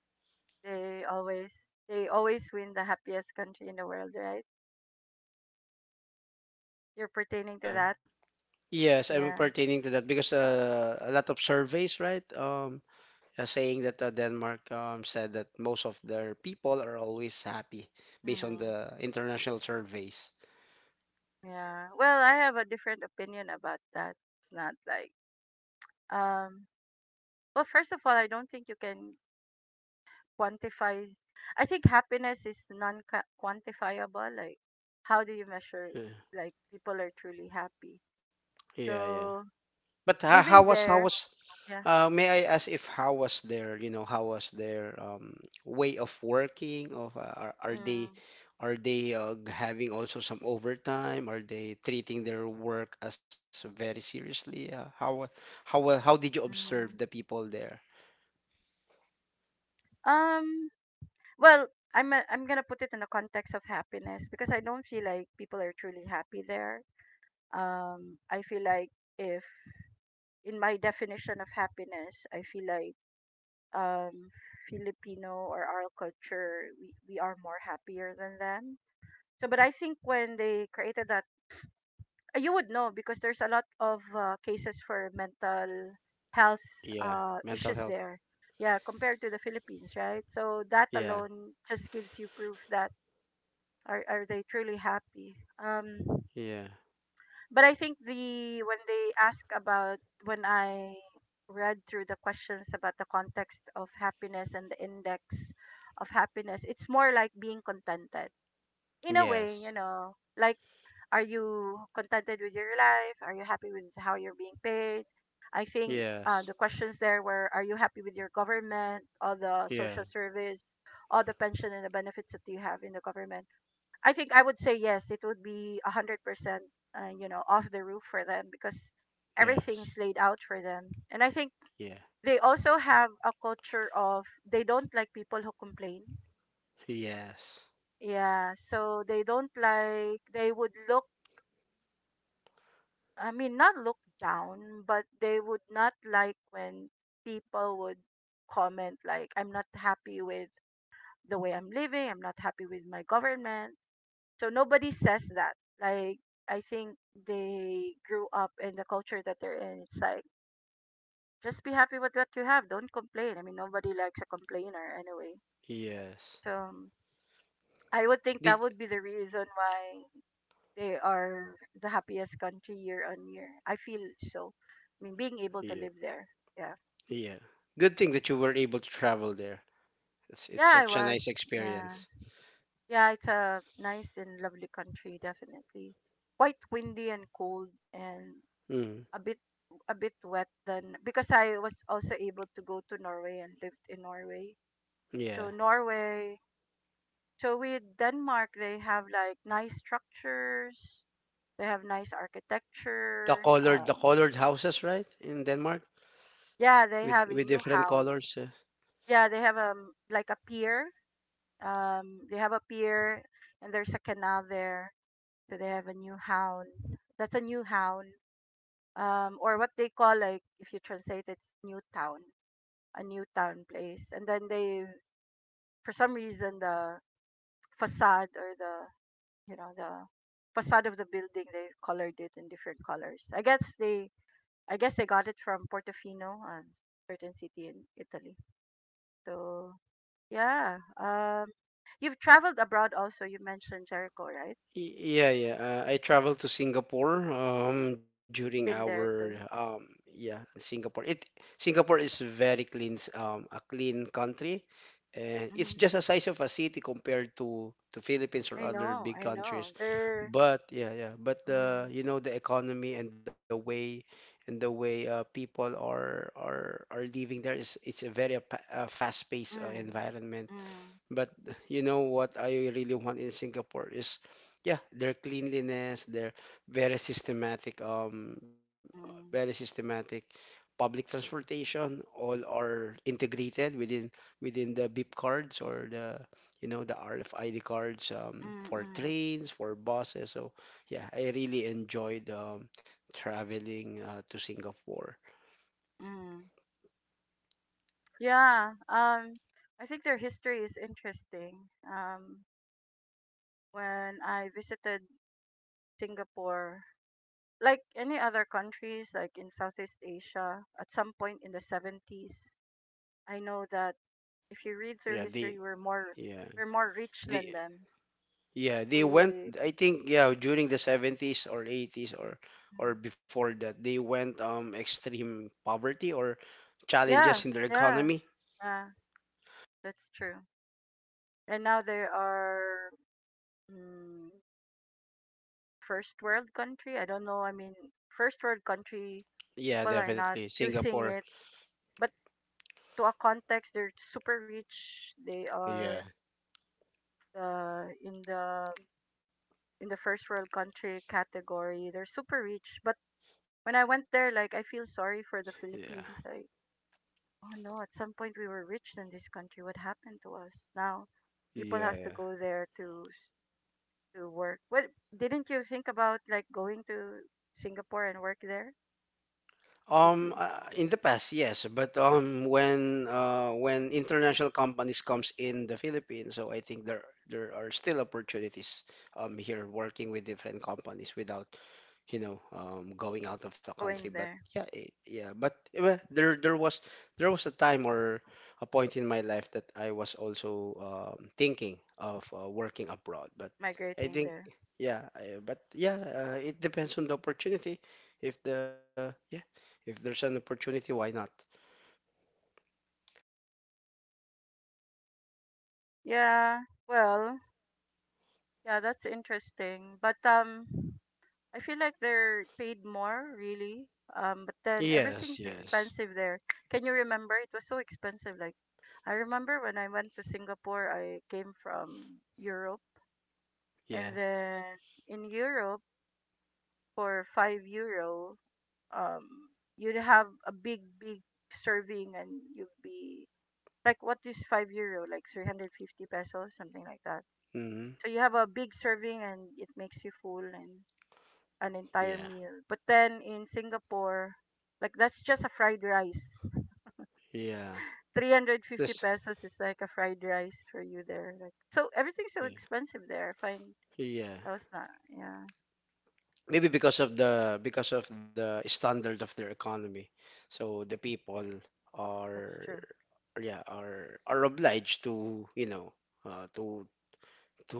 S1: They always they always win the happiest country in the world, right? You're pertaining to
S2: yeah.
S1: that?
S2: Yes, I'm
S1: Yeah.
S2: pertaining to that because, a lot of surveys, right, are saying that, Denmark, said that most of their people are always happy based
S1: Hmm.
S2: on the international surveys.
S1: Yeah. Well, I have a different opinion about that. It's not like um well, first of all, I don't think you can quantify I think happiness is non-quantifiable. Like, how do you measure
S2: Yeah,
S1: like people are truly happy?
S2: yeah, yeah.
S1: So,
S2: But how
S1: living
S2: was
S1: there, yeah.
S2: May I ask if how was their, you know, how was their, way of working? Of,
S1: Mm,
S2: are they having also some overtime? Are they treating their work as very seriously? How did you observe the
S1: mm.
S2: people there?
S1: Um well, I'm going to put it in the context of happiness because I don't feel like people are truly happy there. I feel like, if, in my definition of happiness, I feel like, um Filipino or our culture, we are more happier than them. So but I think when they created that, you would know because there's a lot of cases for mental health
S2: Yeah, mental
S1: issues
S2: health.
S1: there. Yeah, compared to the Philippines, right? So that
S2: Yeah,
S1: alone just gives you proof that are they truly happy. um
S2: yeah,
S1: But I think the when they ask about, when I read through the questions about the context of happiness and the index of happiness, it's more like being contented. In a way,
S2: yes,
S1: like, are you contented with your life? Are you happy with how you're being paid? I think
S2: yes,
S1: the questions there were, are you happy with your government, all the
S2: yeah,
S1: social service, all the pension and the benefits that you have in the government? I think I would say yes. It would be 100%, off the roof for them because
S2: yes,
S1: everything's laid out for them. And I think
S2: yeah,
S1: they also have a culture of they don't like people who complain.
S2: yes,
S1: Yeah, so they don't like, they would look. I mean, not look down, but they would not like when people would comment like, "I'm not happy with the way I'm living. I'm not happy with my government." So nobody says that. Like, I think they grew up in the culture that they're in. It's like, just be happy with what you have. Don't complain. I mean, nobody likes a complainer anyway.
S2: yes.
S1: So I would think that
S2: Did
S1: would be the reason why they are the happiest country year on year. I feel so. I mean, being able to
S2: yeah,
S1: live there. Yeah.
S2: yeah. Good thing that you were able to travel there. It's
S1: Yeah, I
S2: such a nice
S1: was. Yeah.
S2: experience.
S1: Yeah, it's a nice and lovely country, definitely. Quite windy and cold, and
S2: Mm,
S1: a bit a bit wet than because I was also able to go to Norway and lived in Norway. So
S2: yeah.
S1: Norway, so with Denmark, they have like nice structures. They have nice architecture.
S2: The colored houses, right? In Denmark
S1: Yeah, they have in
S2: with different
S1: Newhavn.
S2: colors, yeah.
S1: Yeah, they have like a pier. They have a pier, and there's a canal there. So they have a Newhavn. That's a Newhavn. Or what they call, like, if you translate it, it's New Town, a new town place. And then they, for some reason, the facade or the, the facade of the building, they colored it in different colors. I guess they got it from Portofino, a certain city in Italy. So yeah. You've traveled abroad also, you mentioned Jericho, right?
S2: Yeah, yeah. I traveled to Singapore during
S1: Been
S2: our
S1: there too.
S2: yeah, Singapore. It Singapore is very a clean country and it's
S1: Mm,
S2: just a size of a city compared to Philippines or other big
S1: I know
S2: countries.
S1: they're.
S2: But yeah, yeah. But the,
S1: Mm,
S2: you know, the economy and the way, people are are living there, is it's a very, fast-paced,
S1: mm,
S2: environment,
S1: mm,
S2: but you know what I really want in Singapore is, yeah, their cleanliness, their very systematic, um, very
S1: mm,
S2: systematic public transportation. All are integrated within the BIP cards or the, you know, the RFID cards,
S1: mm,
S2: for
S1: mm,
S2: trains, for buses. So yeah, I really enjoyed, traveling, to Singapore.
S1: mm. Yeah, I think their history is interesting. Um, when I visited Singapore, like any other countries, like in Southeast Asia, at some point in the 70s, I know that if you read through
S2: Yeah, the
S1: history,
S2: yeah
S1: we're more rich than
S2: the
S1: them.
S2: Yeah, they went.
S1: We.
S2: I think yeah, during the 70s or eighties
S1: Mm.
S2: or before that, they went extreme poverty or
S1: Yeah,
S2: challenges in their
S1: yeah,
S2: economy.
S1: yeah, that's true. And now they are, mm, first world country. I don't know. I mean, first world country,
S2: Yeah,
S1: people are not
S2: definitely
S1: using
S2: Singapore.
S1: it, but to a context, they're super rich. They are,
S2: Yeah,
S1: uh, in the in the first world country category, they're super rich. But when I went
S2: yeah,
S1: there, like, I feel sorry for the Philippines. Like, oh no, at some point we were rich in this country. What happened to us now?
S2: yeah, yeah.
S1: People has to go there to to work. What, didn't you think about like going to Singapore and work there? Did you
S2: In the past, yes, but when international companies comes in the Philippines, so I think there there are still opportunities here, working with different companies without, you know, going out of the country.
S1: going
S2: But
S1: there
S2: yeah, it, yeah, but eh, well, there was a time or a point in my life that I was also, thinking of, working abroad. But I
S1: migrating
S2: think,
S1: there?
S2: but yeah, it depends on the opportunity. If the yeah if there's an opportunity, why not?
S1: Yeah. Well, yeah, that's interesting. But I feel like they're paid more, really. But then
S2: Yes,
S1: everything's
S2: yes.
S1: expensive there. Can you remember? It was so expensive. Like, I remember when I went to Singapore, I came from Europe. And
S2: Yeah.
S1: then in Europe, for €5, um, you'd have a big, big serving. And you'd be like, what is €5? Like, 350 pesos, something like that.
S2: Mm-hmm.
S1: So you have a big serving, and it makes you full, and an entire
S2: Yeah.
S1: meal. But then in Singapore, like that's just a fried rice.
S2: Yeah.
S1: 350
S2: This,
S1: pesos is like a fried rice for you there. Like, so everything's so
S2: yeah.
S1: expensive there. Fine,
S2: Yeah.
S1: that was not. Yeah,
S2: Maybe because of the standard of their economy. So the people
S1: that's true.
S2: are, yeah, are obliged to, you know, uh, to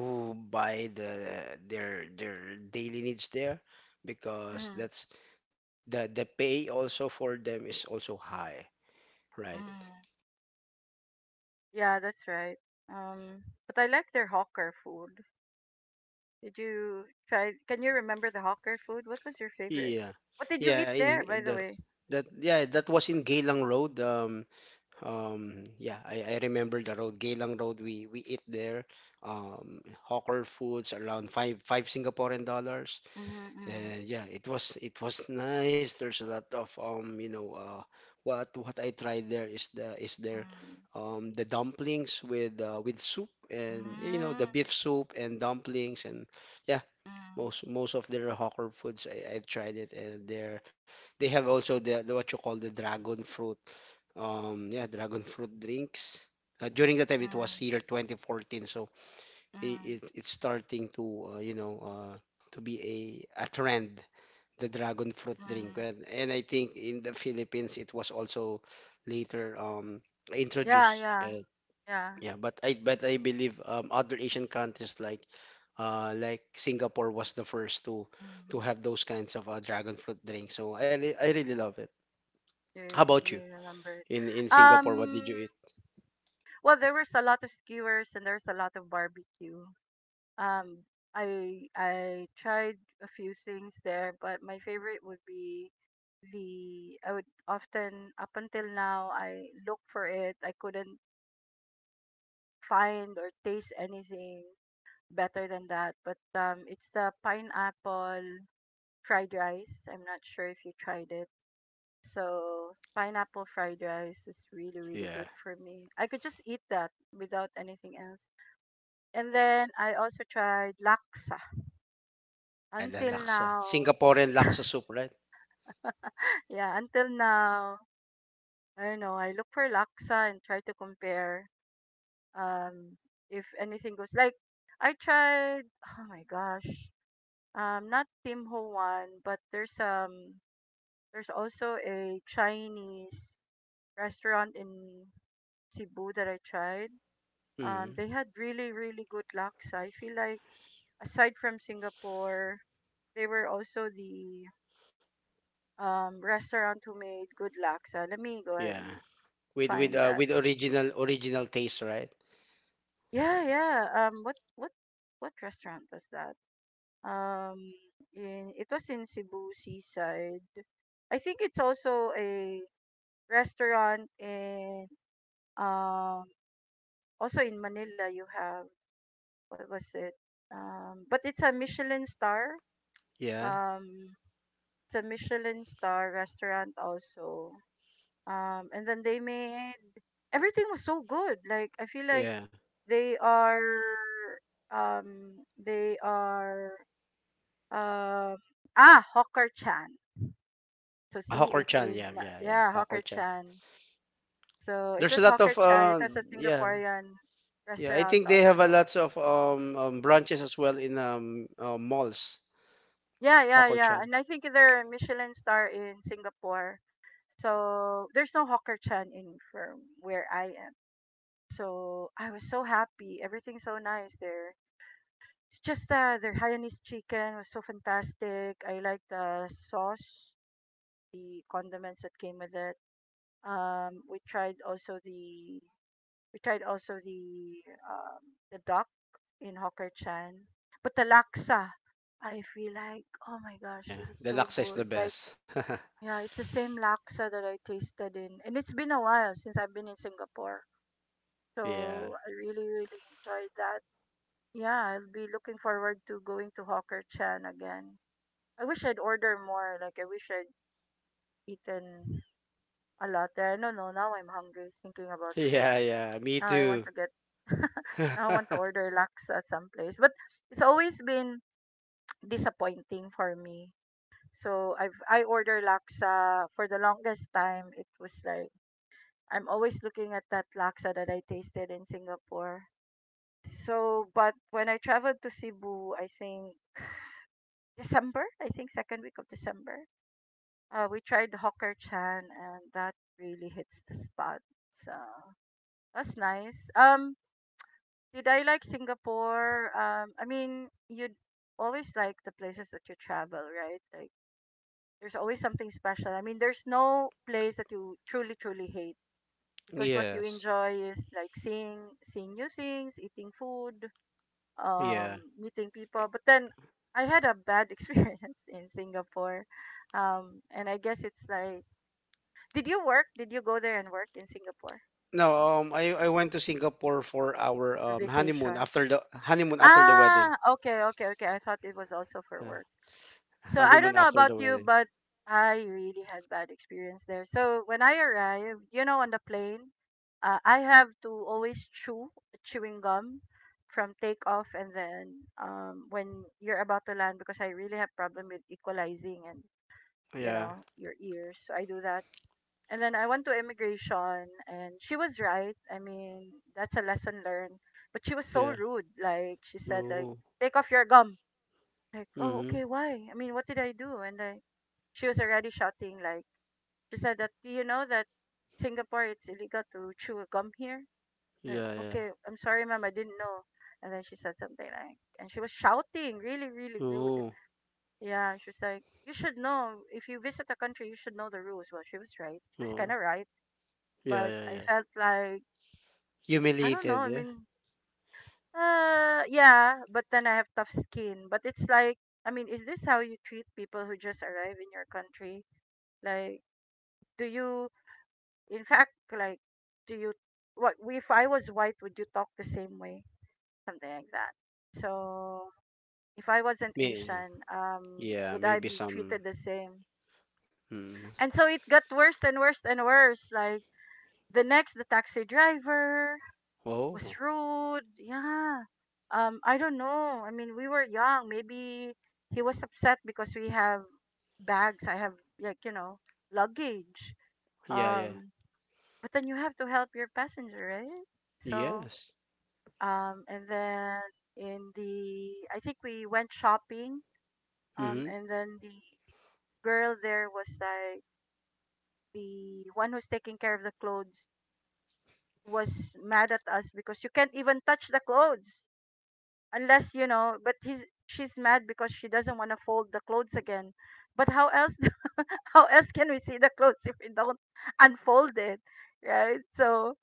S2: to buy their daily needs there,
S1: Mm,
S2: because that's the pay also for them is also high, right?
S1: mm. Yeah, that's right. But I like their hawker food. Did you try Can you remember the hawker food? What was your favorite?
S2: Yeah,
S1: What did you
S2: yeah,
S1: eat there
S2: in
S1: by the
S2: that
S1: way?
S2: that yeah, that was in Geylang Road. Yeah, I remember the road, Geylang Road. We eat there, hawker foods around five Singaporean dollars,
S1: Mm-hmm, mm-hmm,
S2: and yeah, it was nice. There's a lot of, what I tried there is the is there, the dumplings with, with soup, and you
S1: mm-hmm,
S2: know, the beef soup and dumplings and yeah,
S1: mm-hmm,
S2: most most of their hawker foods I, I've tried it, and they're they have also the, what you call, the dragon fruit, yeah, dragon fruit drinks, during that time it was
S1: mm-hmm,
S2: year 2014, so it,
S1: mm-hmm,
S2: it it's starting to, uh, to be a trend, the dragon fruit
S1: mm-hmm.
S2: drink, and I think in the Philippines it was also later
S1: Yeah,
S2: introduced,
S1: yeah, yeah.
S2: yeah, but I believe other Asian countries like, like Singapore was the first to
S1: Mm.
S2: have those kinds of, dragon fruit drinks. So I re- I really love it.
S1: You
S2: How about
S1: you
S2: you?
S1: remember it.
S2: In Singapore, what did
S1: Um,
S2: you eat?
S1: well, there was a lot of skewers and there's a lot of barbecue. Um, I tried a few things there, but my favorite would be the I would often, up until now, I look for it. I couldn't find or taste anything better than that. But it's the pineapple fried rice. I'm not sure if you tried it. So pineapple fried rice is really, really
S2: Yeah,
S1: good for me. I could just eat that without anything else. And then I also tried laksa.
S2: yeah, the
S1: Until
S2: laksa,
S1: now,
S2: Singaporean
S1: yeah,
S2: laksa soup, right?
S1: until now, I don't know. I look for laksa and try to compare, um if anything goes, like, I tried, oh my gosh. Not Tim Ho Wan, but there's also a Chinese restaurant in Cebu that I tried.
S2: Hmm.
S1: They had really, really good locks. I feel like, aside from Singapore, they were also the restaurant who made good laksa. Let me go ahead
S2: Yeah,
S1: and
S2: with,
S1: find that.
S2: with original original taste, right?
S1: Yeah,
S2: Like
S1: yeah. What restaurant was that? Um, in it was in Cebu Seaside. I think it's also a restaurant in, um also in Manila. You have, what was it? But it's a Michelin star.
S2: yeah,
S1: Um, It's a Michelin star restaurant also. And then they made everything was so good. Like, I feel like
S2: yeah,
S1: they are they are uh, ah, Hawker Chan. So
S2: Hawker
S1: see, it
S2: Chan, yeah,
S1: is
S2: yeah, yeah,
S1: yeah,
S2: Hawker
S1: Hawker
S2: Chan.
S1: Chan. So it
S2: There's a
S1: was
S2: lot of,
S1: Hawker Chan. It was a
S2: yeah.
S1: Singaporean
S2: Yeah, I
S1: restaurant
S2: think they have a
S1: also.
S2: lots of, branches as well in, malls.
S1: Yeah, yeah, yeah.
S2: Kokorchan.
S1: And I think they're a Michelin star in Singapore. So there's no Hawker Chan in firm where I am. So I was so happy. Everything's so nice there. It's just their Hainanese chicken was so fantastic. I like the sauce, the condiments that came with it. Um, we tried also the we tried also um, the duck in Hawker Chan. But the laksa, I feel like, oh my gosh,
S2: Yeah,
S1: this is
S2: the
S1: so
S2: laksa is the
S1: good. Like,
S2: best.
S1: yeah, it's the same laksa that I tasted in, and it's been a while since I've been in Singapore.
S2: Yeah.
S1: So I really, really enjoyed that. Yeah, I'll be looking forward to going to Hawker Chan again. I wish I'd order more. Like, I wish I'd eaten a lot there. I don't know. Now I'm hungry thinking about food.
S2: Yeah, yeah, me
S1: Now I want
S2: too.
S1: to get, now I want to order laksa someplace. But it's always been disappointing for me. So I order laksa for the longest time. It was like, I'm always looking at that laksa that I tasted in Singapore. So, but when I traveled to Cebu, I think December, I think second week of December. We tried Hawker Chan and that really hits the spot. So that's nice. Did I like Singapore? I mean, you'd always like the places that you travel, right? Like, there's always something special. I mean, there's no place that you truly, truly hate because what you
S2: Yes.
S1: enjoy is like seeing new things, eating food,
S2: Yeah.
S1: um, meeting people. But then I had a bad experience in Singapore. And I guess it's like, did you work? Did you go there and work in Singapore
S2: No, I went to Singapore for our
S1: or
S2: honeymoon,
S1: vacation?
S2: after the wedding.
S1: Ah, okay, okay, okay. I thought it was also for
S2: Yeah.
S1: work. So I
S2: Honeymoon
S1: don't know
S2: after
S1: about
S2: the
S1: you,
S2: wedding.
S1: but I really had bad experience there. So when I arrived, you know, on the plane, I have to always chew chewing gum from takeoff and then when you're about to land because I really have problem with equalizing and you
S2: Yeah.
S1: know your ears. So I do that. And then I went to immigration and she was right. I mean, that's a lesson learned. But she was so
S2: Yeah.
S1: rude. Like she said like
S2: Oh.
S1: take off your gum. Like, "Oh,
S2: Mm-hmm.
S1: okay, why?" I mean, what did I do? And I She was already shouting like she said that do you know that Singapore it's illegal to chew gum here? Like,
S2: Yeah, yeah.
S1: okay, I'm sorry ma'am, I didn't know. And then she said something like and she was shouting, really, really rude.
S2: Oh.
S1: Yeah, she was like, "You should know if you visit a country you should know the rules." Well she was right. She
S2: Oh.
S1: was kinda right.
S2: Yeah,
S1: But
S2: yeah,
S1: I
S2: yeah.
S1: felt like I don't know,
S2: Humiliated,
S1: I
S2: yeah.
S1: mean yeah, but then I have tough skin. But it's like I mean, is this how you treat people who just arrive in your country? Like do you In fact, like, do you what if I was white, would you talk the same way? Something like that. So if I wasn't
S2: Me,
S1: Asian,
S2: yeah,
S1: would I
S2: maybe
S1: be
S2: some.
S1: treated the same?
S2: Mm.
S1: And so it got worse and worse and worse. Like the next, the taxi driver
S2: Oh,
S1: was rude. Yeah. I don't know. I mean, we were young. Maybe he was upset because we have bags. I have like you know luggage.
S2: yeah, yeah.
S1: Um, But then you have to help your passenger, right? So,
S2: Yes.
S1: and then in the, I think we went shopping,
S2: Mm-hmm.
S1: and then the girl there was like, the one who's taking care of the clothes was mad at us because you can't even touch the clothes unless, you know, but she's mad because she doesn't want to fold the clothes again. But how else, how else can we see the clothes if we don't unfold it, right? So,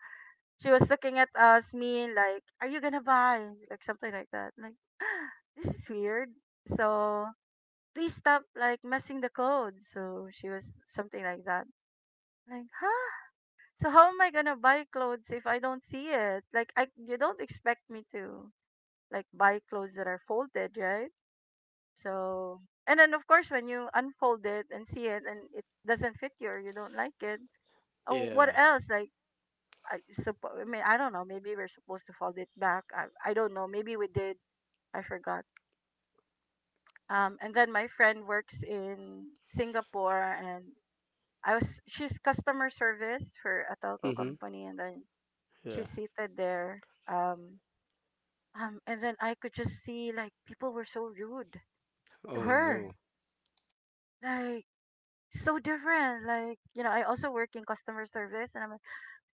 S1: she was looking at us, me, like, "Are you gonna buy?" Like something like that. Like, this is weird. So please stop like messing the clothes. So she was something like that. Like, huh? So how am I gonna buy clothes if I don't see it? Like, I you don't expect me to like buy clothes that are folded, right? So and then of course when you unfold it and see it and it doesn't fit you or you don't like it, oh,
S2: Yeah.
S1: what else? Like I mean, I don't know. Maybe we're supposed to fold it back. I don't know. Maybe we did. I forgot. And then my friend works in Singapore, and I was she's customer service for a telco
S2: Mm-hmm.
S1: company, and then
S2: Yeah.
S1: she's seated there. Um, and then I could just see like people were so rude to
S2: Oh
S1: her,
S2: no.
S1: like so different. Like you know, I also work in customer service, and I'm like,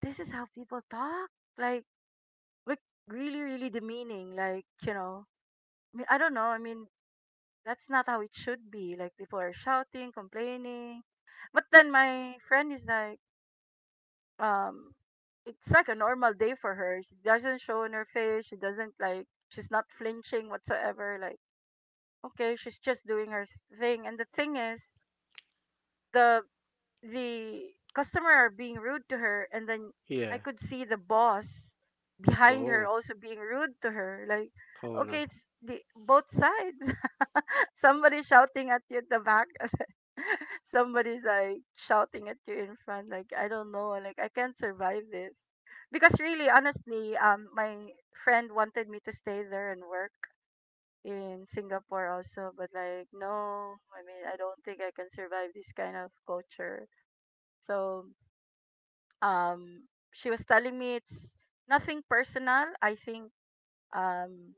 S1: this is how people talk. Like, like, really, really demeaning. Like you know I mean, I don't know. I mean, that's not how it should be. Like people are shouting, complaining. But then my friend is like, um, it's like a normal day for her. She doesn't show on her face. She doesn't like. She's not flinching whatsoever. Like, okay, she's just doing her thing. And the thing is, the the customer are being rude to her, and then I
S2: Yeah.
S1: could see the boss behind her
S2: Oh.
S1: also being rude to her. Like,
S2: Oh
S1: okay,
S2: no.
S1: it's the both sides. Somebody shouting at you at the back. Somebody's like shouting at you in front. Like I don't know. Like I can't survive this. Because really, honestly, my friend wanted me to stay there and work in Singapore also, but like no, I mean I don't think I can survive this kind of culture. So um, she was telling me it's nothing personal. I think um,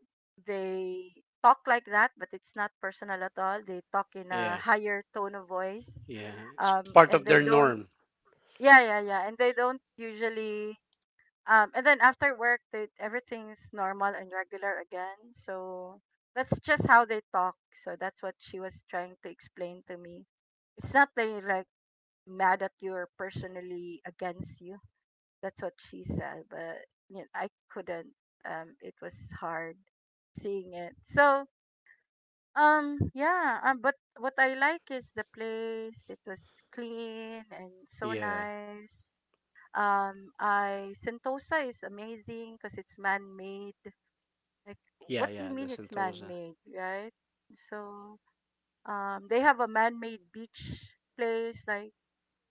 S1: they talk like that, but it's not personal at all. They talk in a
S2: Yeah.
S1: higher tone of voice,
S2: Yeah. It's part
S1: and
S2: of
S1: they
S2: their
S1: don't.
S2: norm.
S1: Yeah, yeah, yeah, and they don't usually. And then after work, they, everything's normal and regular again. So that's just how they talk. So that's what she was trying to explain to me. It's not they like mad at you or personally against you. That's what she said, but you know, I couldn't. It was hard seeing it. Yeah. But what I like is the place. It was clean and so
S2: Yeah.
S1: nice. I Sentosa is amazing because it's man-made. Like,
S2: Yeah,
S1: what do
S2: yeah,
S1: you
S2: the
S1: mean it's
S2: Sentosa.
S1: man-made, right? So, they have a man-made beach place. Like,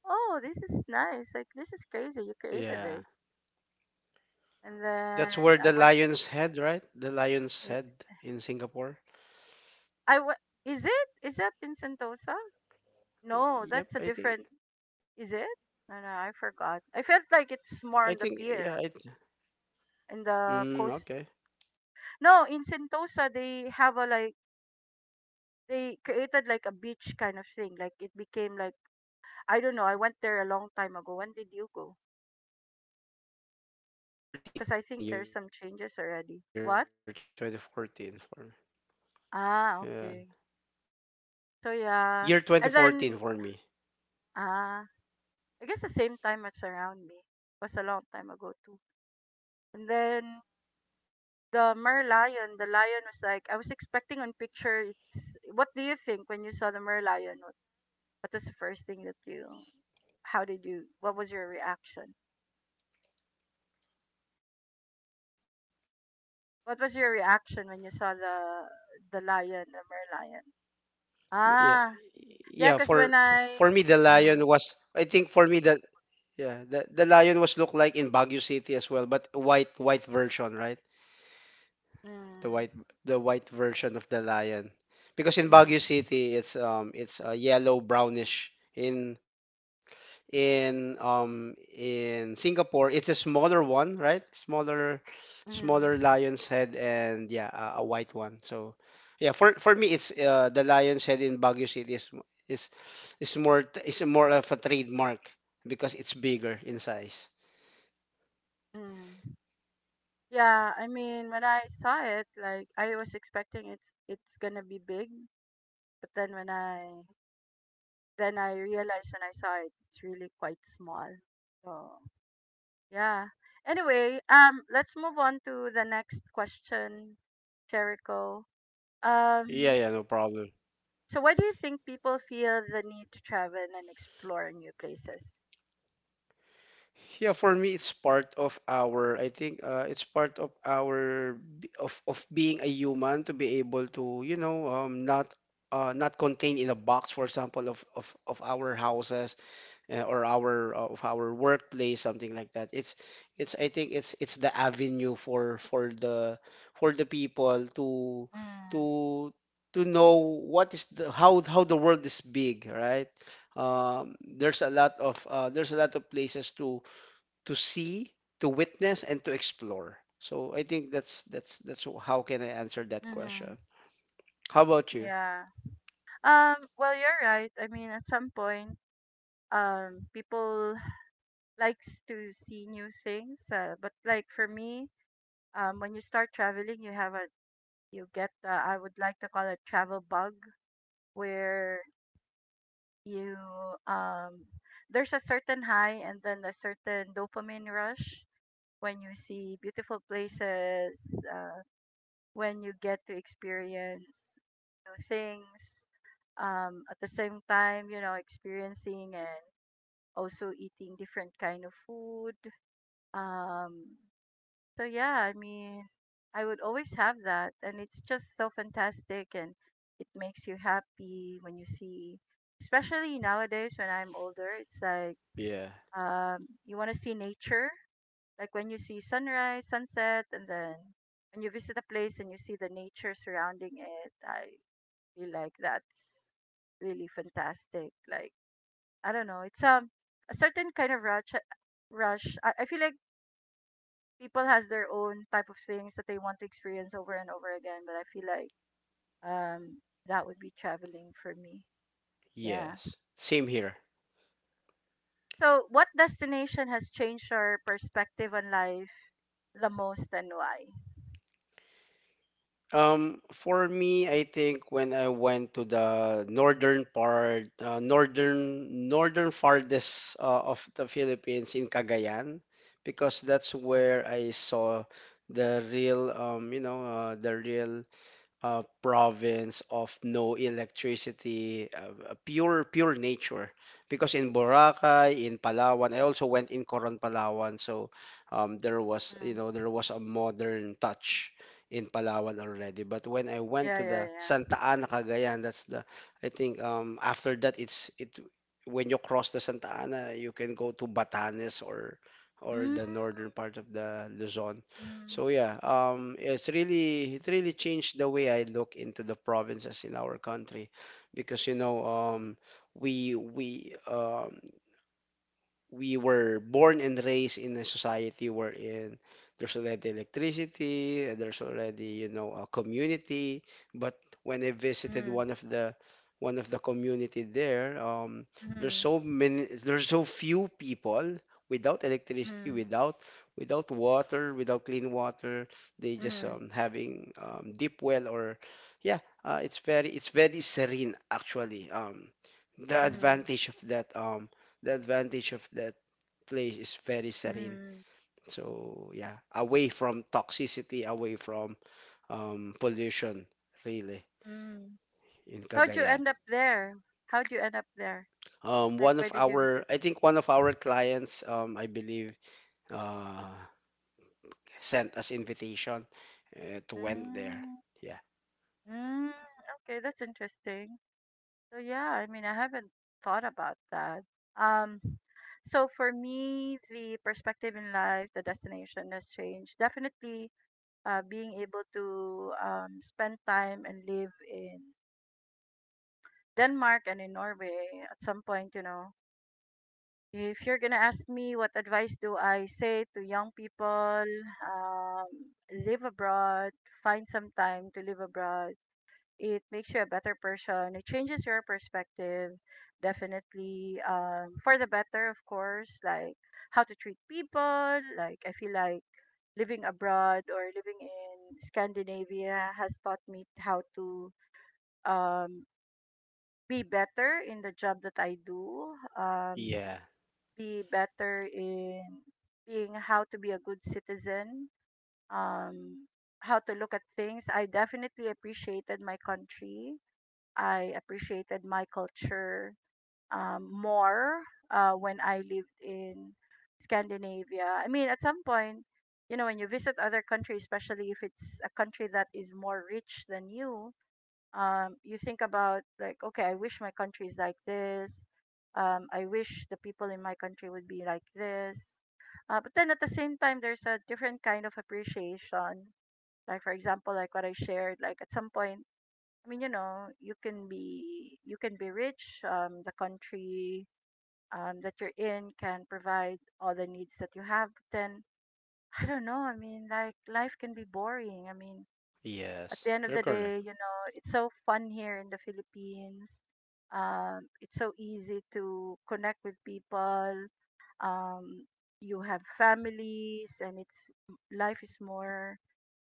S1: oh, this is nice. Like, this is crazy. You
S2: Yeah.
S1: created this. And then
S2: That's where
S1: I
S2: the
S1: went.
S2: lion's head, right? The lion's head in Singapore.
S1: Is it is that in Sentosa? No, that's a different.
S2: Yep, I
S1: Is
S2: think
S1: it? No, no, I forgot. I felt like it's more on the
S2: I
S1: pier
S2: think yeah, I th-
S1: in the coast.
S2: okay.
S1: No, in Sentosa they have a like they created like a beach kind of thing. Like it became like I don't know. I went there a long time ago. When did you go? Because I think there's some changes already. What?
S2: 2014, year 2014 for me.
S1: Ah, okay.
S2: Yeah.
S1: So yeah,
S2: Year
S1: and then
S2: 2014 for me.
S1: ah, I guess the same time as around me was a long time ago too. And then the merlion, the lion was like, I was expecting on picture. It's what do you think when you saw the merlion? What was the first thing that you? How did you? What was your reaction? What was your reaction when you saw the lion, the merlion?
S2: Yeah
S1: Ah, yeah,
S2: yeah
S1: cause when I,
S2: for me the
S1: mm,
S2: lion was I think for me that yeah the lion was look like in Baguio City as well but white version, right? the white
S1: mm,
S2: the white version of the lion because in
S1: mm,
S2: Baguio City it's yellow brownish, in Singapore. It's a smaller one, right? Smaller
S1: mm,
S2: lion's head, and yeah, a white one. So yeah, for me, it's, the lion's head in Baguio City is is is more of a trademark because it's bigger in size.
S1: mm. Yeah, I mean when I saw it, like I was expecting it's gonna be big, but then when I then I realized when I saw it, it's really quite small. So yeah. Anyway, let's move on to the next question, Jericho. Um,
S2: Yeah, yeah, no problem.
S1: so why do you think people feel the need to travel and explore new places?
S2: Yeah, for me, it's part of our. I think, it's part of our of being a human to be able to, you know, not, not contained in a box, for example, of our houses, or our of our workplace, something like that. It's I think it's the avenue for the people
S1: Mm,
S2: to to know what is the how the world is big, right? There's a lot of, there's a lot of places to see, to witness, and to explore. So I think that's how can I answer that
S1: mm-hmm.
S2: question. How about you?
S1: Yeah. Well, you're right. I mean, at some point, people likes to see new things, but like for me, when you start traveling, you have a you get the I would like to call it travel bug where you um there's a certain high and then a certain dopamine rush when you see beautiful places, uh, when you get to experience new things, at the same time, you know, experiencing and also eating different kind of food. Um, So yeah, I mean, I would always have that, and it's just so fantastic, and it makes you happy when you see, especially nowadays when I'm older. It's like
S2: Yeah.
S1: you want to see nature, like when you see sunrise, sunset, and then when you visit a place and you see the nature surrounding it. I feel like that's really fantastic. Like I don't know, it's a certain kind of rush. Rush. I feel like people has their own type of things that they want to experience over and over again but I feel like um that would be traveling for me. Yeah.
S2: Yes. Same here.
S1: So what destination has changed your perspective on life the most and why?
S2: For me, I think when I went to the northern part, northern northern farthest of the Philippines in Cagayan, because that's where I saw the real, the real province of no electricity, pure nature. Because in Boracay, in Palawan, I also went in Coron, Palawan, so there was
S1: Mm,
S2: there was a modern touch in Palawan already. But when I went
S1: yeah
S2: to
S1: yeah
S2: the
S1: yeah,
S2: Santa Ana, Cagayan, that's the I think after that it's it when you cross the Santa Ana, you can go to Batanes or
S1: mm,
S2: the northern part of the Luzon.
S1: mm,
S2: So yeah, it really changed the way I look into the provinces in our country, because we we um, we were born and raised in a society wherein there's already electricity, there's already, you know, a community. But when I visited
S1: mm,
S2: one of the community there,
S1: mm,
S2: there's so few people without electricity,
S1: mm,
S2: without water, without clean water. They just
S1: mm,
S2: having deep well or, yeah, it's very serene actually. The
S1: mm,
S2: advantage of that um the advantage of that place is very serene.
S1: mm,
S2: So yeah, away from toxicity, away from pollution, really
S1: mm.
S2: in
S1: How'd you
S2: Cagayan.
S1: end up there? How'd you end up there, like why did you visit?
S2: I think one of our clients, I believe, uh, sent us invitation to went there.
S1: Mm,
S2: Yeah,
S1: mm, okay, that's interesting. So yeah, I mean, I haven't thought about that. Um, so for me, the perspective in life, the destination has changed. Definitely, being able to spend time and live in Denmark and in Norway at some point, you know. If you're gonna ask me what advice do I say to young people, um, live abroad, find some time to live abroad. It makes you a better person. It changes your perspective, definitely, for the better, of course, like how to treat people. Like, I feel like living abroad or living in Scandinavia has taught me how to um, be better in the job that I do,
S2: yeah,
S1: be better in being how to be a good citizen. Um, how to look at things. I definitely appreciated my country. I appreciated my culture more when I lived in Scandinavia. I mean, at some point, you know, when you visit other countries, especially if it's a country that is more rich than you, you think about, like, okay, I wish my country is like this. I wish the people in my country would be like this. But then at the same time, there's a different kind of appreciation. Like, for example, like what I shared, like at some point, I mean, you know, you can be rich. The country that you're in can provide all the needs that you have. But then I don't know. I mean, like life can be boring. I mean, at the
S2: yes,
S1: end of
S2: you're
S1: the
S2: correct.
S1: day, you know, it's so fun here in the Philippines. It's so easy to connect with people. Um, you have families, and it's life is more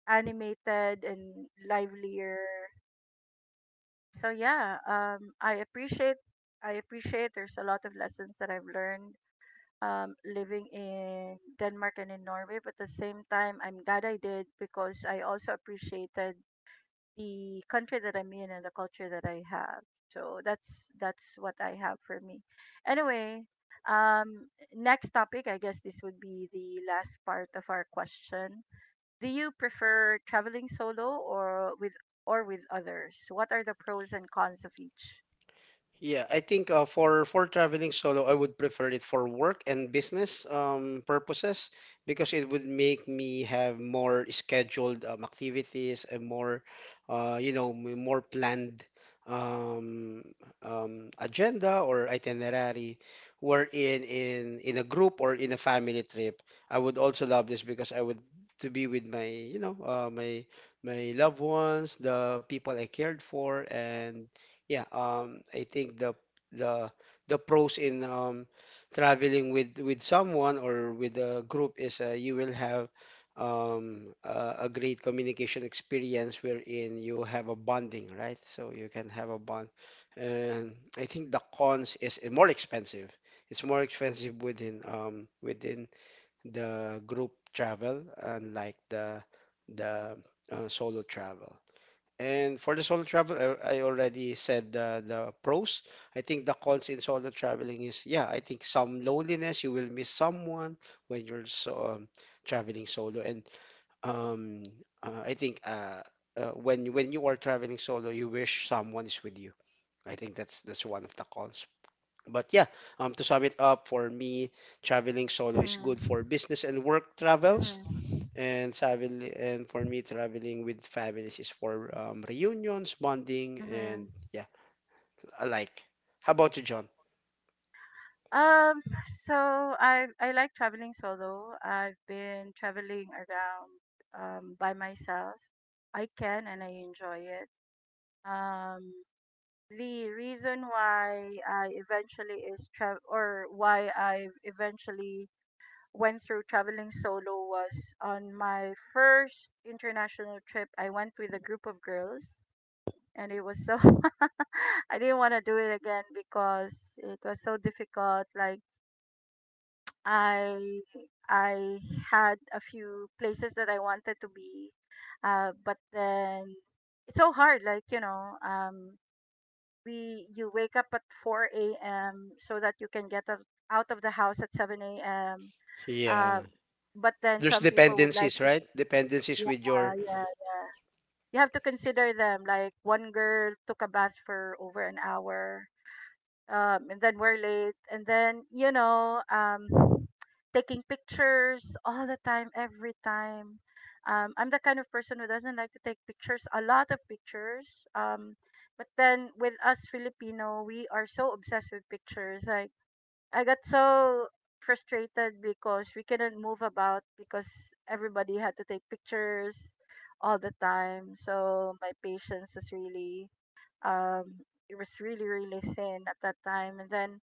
S1: animated and livelier so yeah, I appreciate there's a lot of lessons that I've learned living in Denmark and in Norway, but at the same time, I'm glad I did because I also appreciated the country that I'm in and the culture that I have. So that's what I have for me. Anyway, um, next topic, I guess this would be the last part of our question. Do you prefer traveling solo or with others? What are the pros and cons of each?
S2: Yeah, I think for traveling solo, I would prefer it for work and business purposes, because it would make me have more scheduled activities and more, more planned um, agenda or itinerary. Wherein in a group or in a family trip, I would also love this because I would to be with my, my loved ones, the people I cared for, and yeah, I think the the pros in traveling with someone or with a group is, you will have a great communication experience wherein you have a bonding, right? So you can have a bond. And I think the cons is, more expensive. It's more expensive within the group travel, unlike the solo travel. And for the solo travel, I already said the pros. I think the cons in solo traveling is, yeah, I think some loneliness. You will miss someone when you're so, traveling solo. And um, I think when you are traveling solo, you wish someone is with you. I think that's one of the cons. But yeah, to sum it up, for me, traveling solo is
S1: Mhm.
S2: good for business and work travels
S1: Mhm.
S2: and travel, and for me traveling with families is for reunions, bonding,
S1: Mhm.
S2: and yeah alike. How about you, John?
S1: So I like traveling solo. I've been traveling around by myself. I can and I enjoy it. Um, the reason why I eventually is tra or why I eventually went through traveling solo was on my first international trip. I went with a group of girls and it was so I didn't want to do it again because it was so difficult. Like I I had a few places that I wanted to be, but then it's so hard. Like you know, we you wake up at 4 a.m. so that you can get out of the house at 7 a.m. Uh,
S2: Yeah,
S1: but then
S2: there's
S1: some people would like
S2: dependencies,
S1: to.
S2: right? Dependencies with your...
S1: Yeah, yeah, yeah. You have to consider them. Like one girl took a bath for over an hour, and then we're late, and then you know, taking pictures all the time, every time. I'm the kind of person who doesn't like to take pictures, a lot of pictures. But then with us Filipino, we are so obsessed with pictures. Like I got so frustrated because we couldn't move about because everybody had to take pictures all the time. So my patience was really it was really thin at that time and then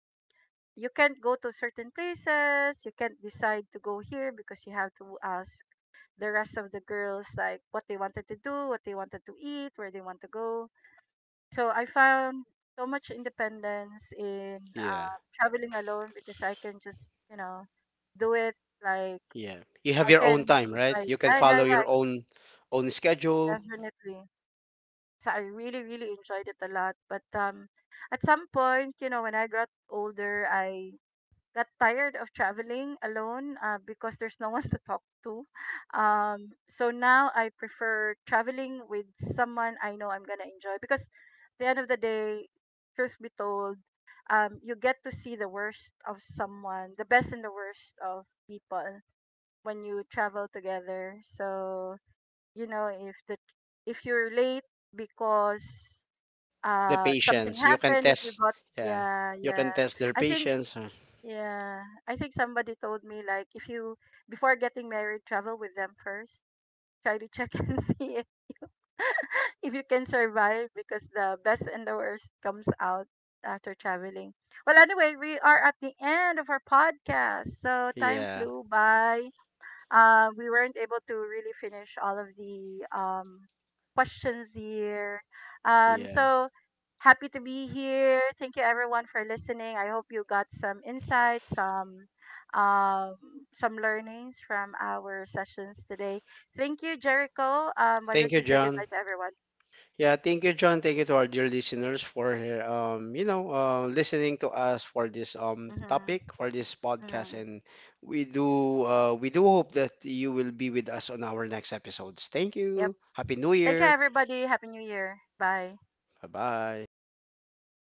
S1: you can't go to certain places, you can't decide to go here because you have to ask the rest of the girls like what they wanted to do, what they wanted to eat, where they want to go. So I found so much independence in
S2: Yeah,
S1: traveling alone because I can just, you know, do it. Like
S2: yeah, you have
S1: I
S2: your own
S1: can
S2: time, right?
S1: decide,
S2: You can
S1: yeah, yeah,
S2: follow
S1: yeah, I
S2: your
S1: can
S2: own own schedule.
S1: definitely. So I really enjoyed it a lot. But at some point, you know, when I got older, I got tired of traveling alone because there's no one to talk to. So now I prefer traveling with someone I know I'm gonna enjoy because at the end of the day, truth be told, you get to see the worst of someone, the best and the worst of people when you travel together. So you know if you're late because
S2: The
S1: something
S2: patience you can
S1: happened, if you
S2: test,
S1: got
S2: yeah,
S1: yeah
S2: you can test their
S1: I think
S2: patience.
S1: yeah, I think somebody told me like if you before getting married, travel with them first. Try to check and see if, if you can survive because the best and the worst comes out after traveling. Well, anyway, we are at the end of our podcast. So time
S2: Yeah,
S1: flew by we weren't able to really finish all of the questions here. Um,
S2: yeah,
S1: so happy to be here. Thank you everyone for listening. I hope you got some insights, um, some learnings from our sessions today. Thank you, Jericho. Why
S2: thank
S1: don't
S2: you,
S1: you say
S2: John.
S1: goodbye to everyone?
S2: Yeah, thank you, John. Thank you to our dear listeners for listening to us for this topic
S1: Mm-hmm.
S2: for this podcast,
S1: Mm-hmm.
S2: and we do hope that you will be with us on our next episodes. Thank
S1: Yep.
S2: you. Happy New
S1: Thank you,
S2: Year.
S1: everybody. Happy New Year. Bye.
S2: Bye bye.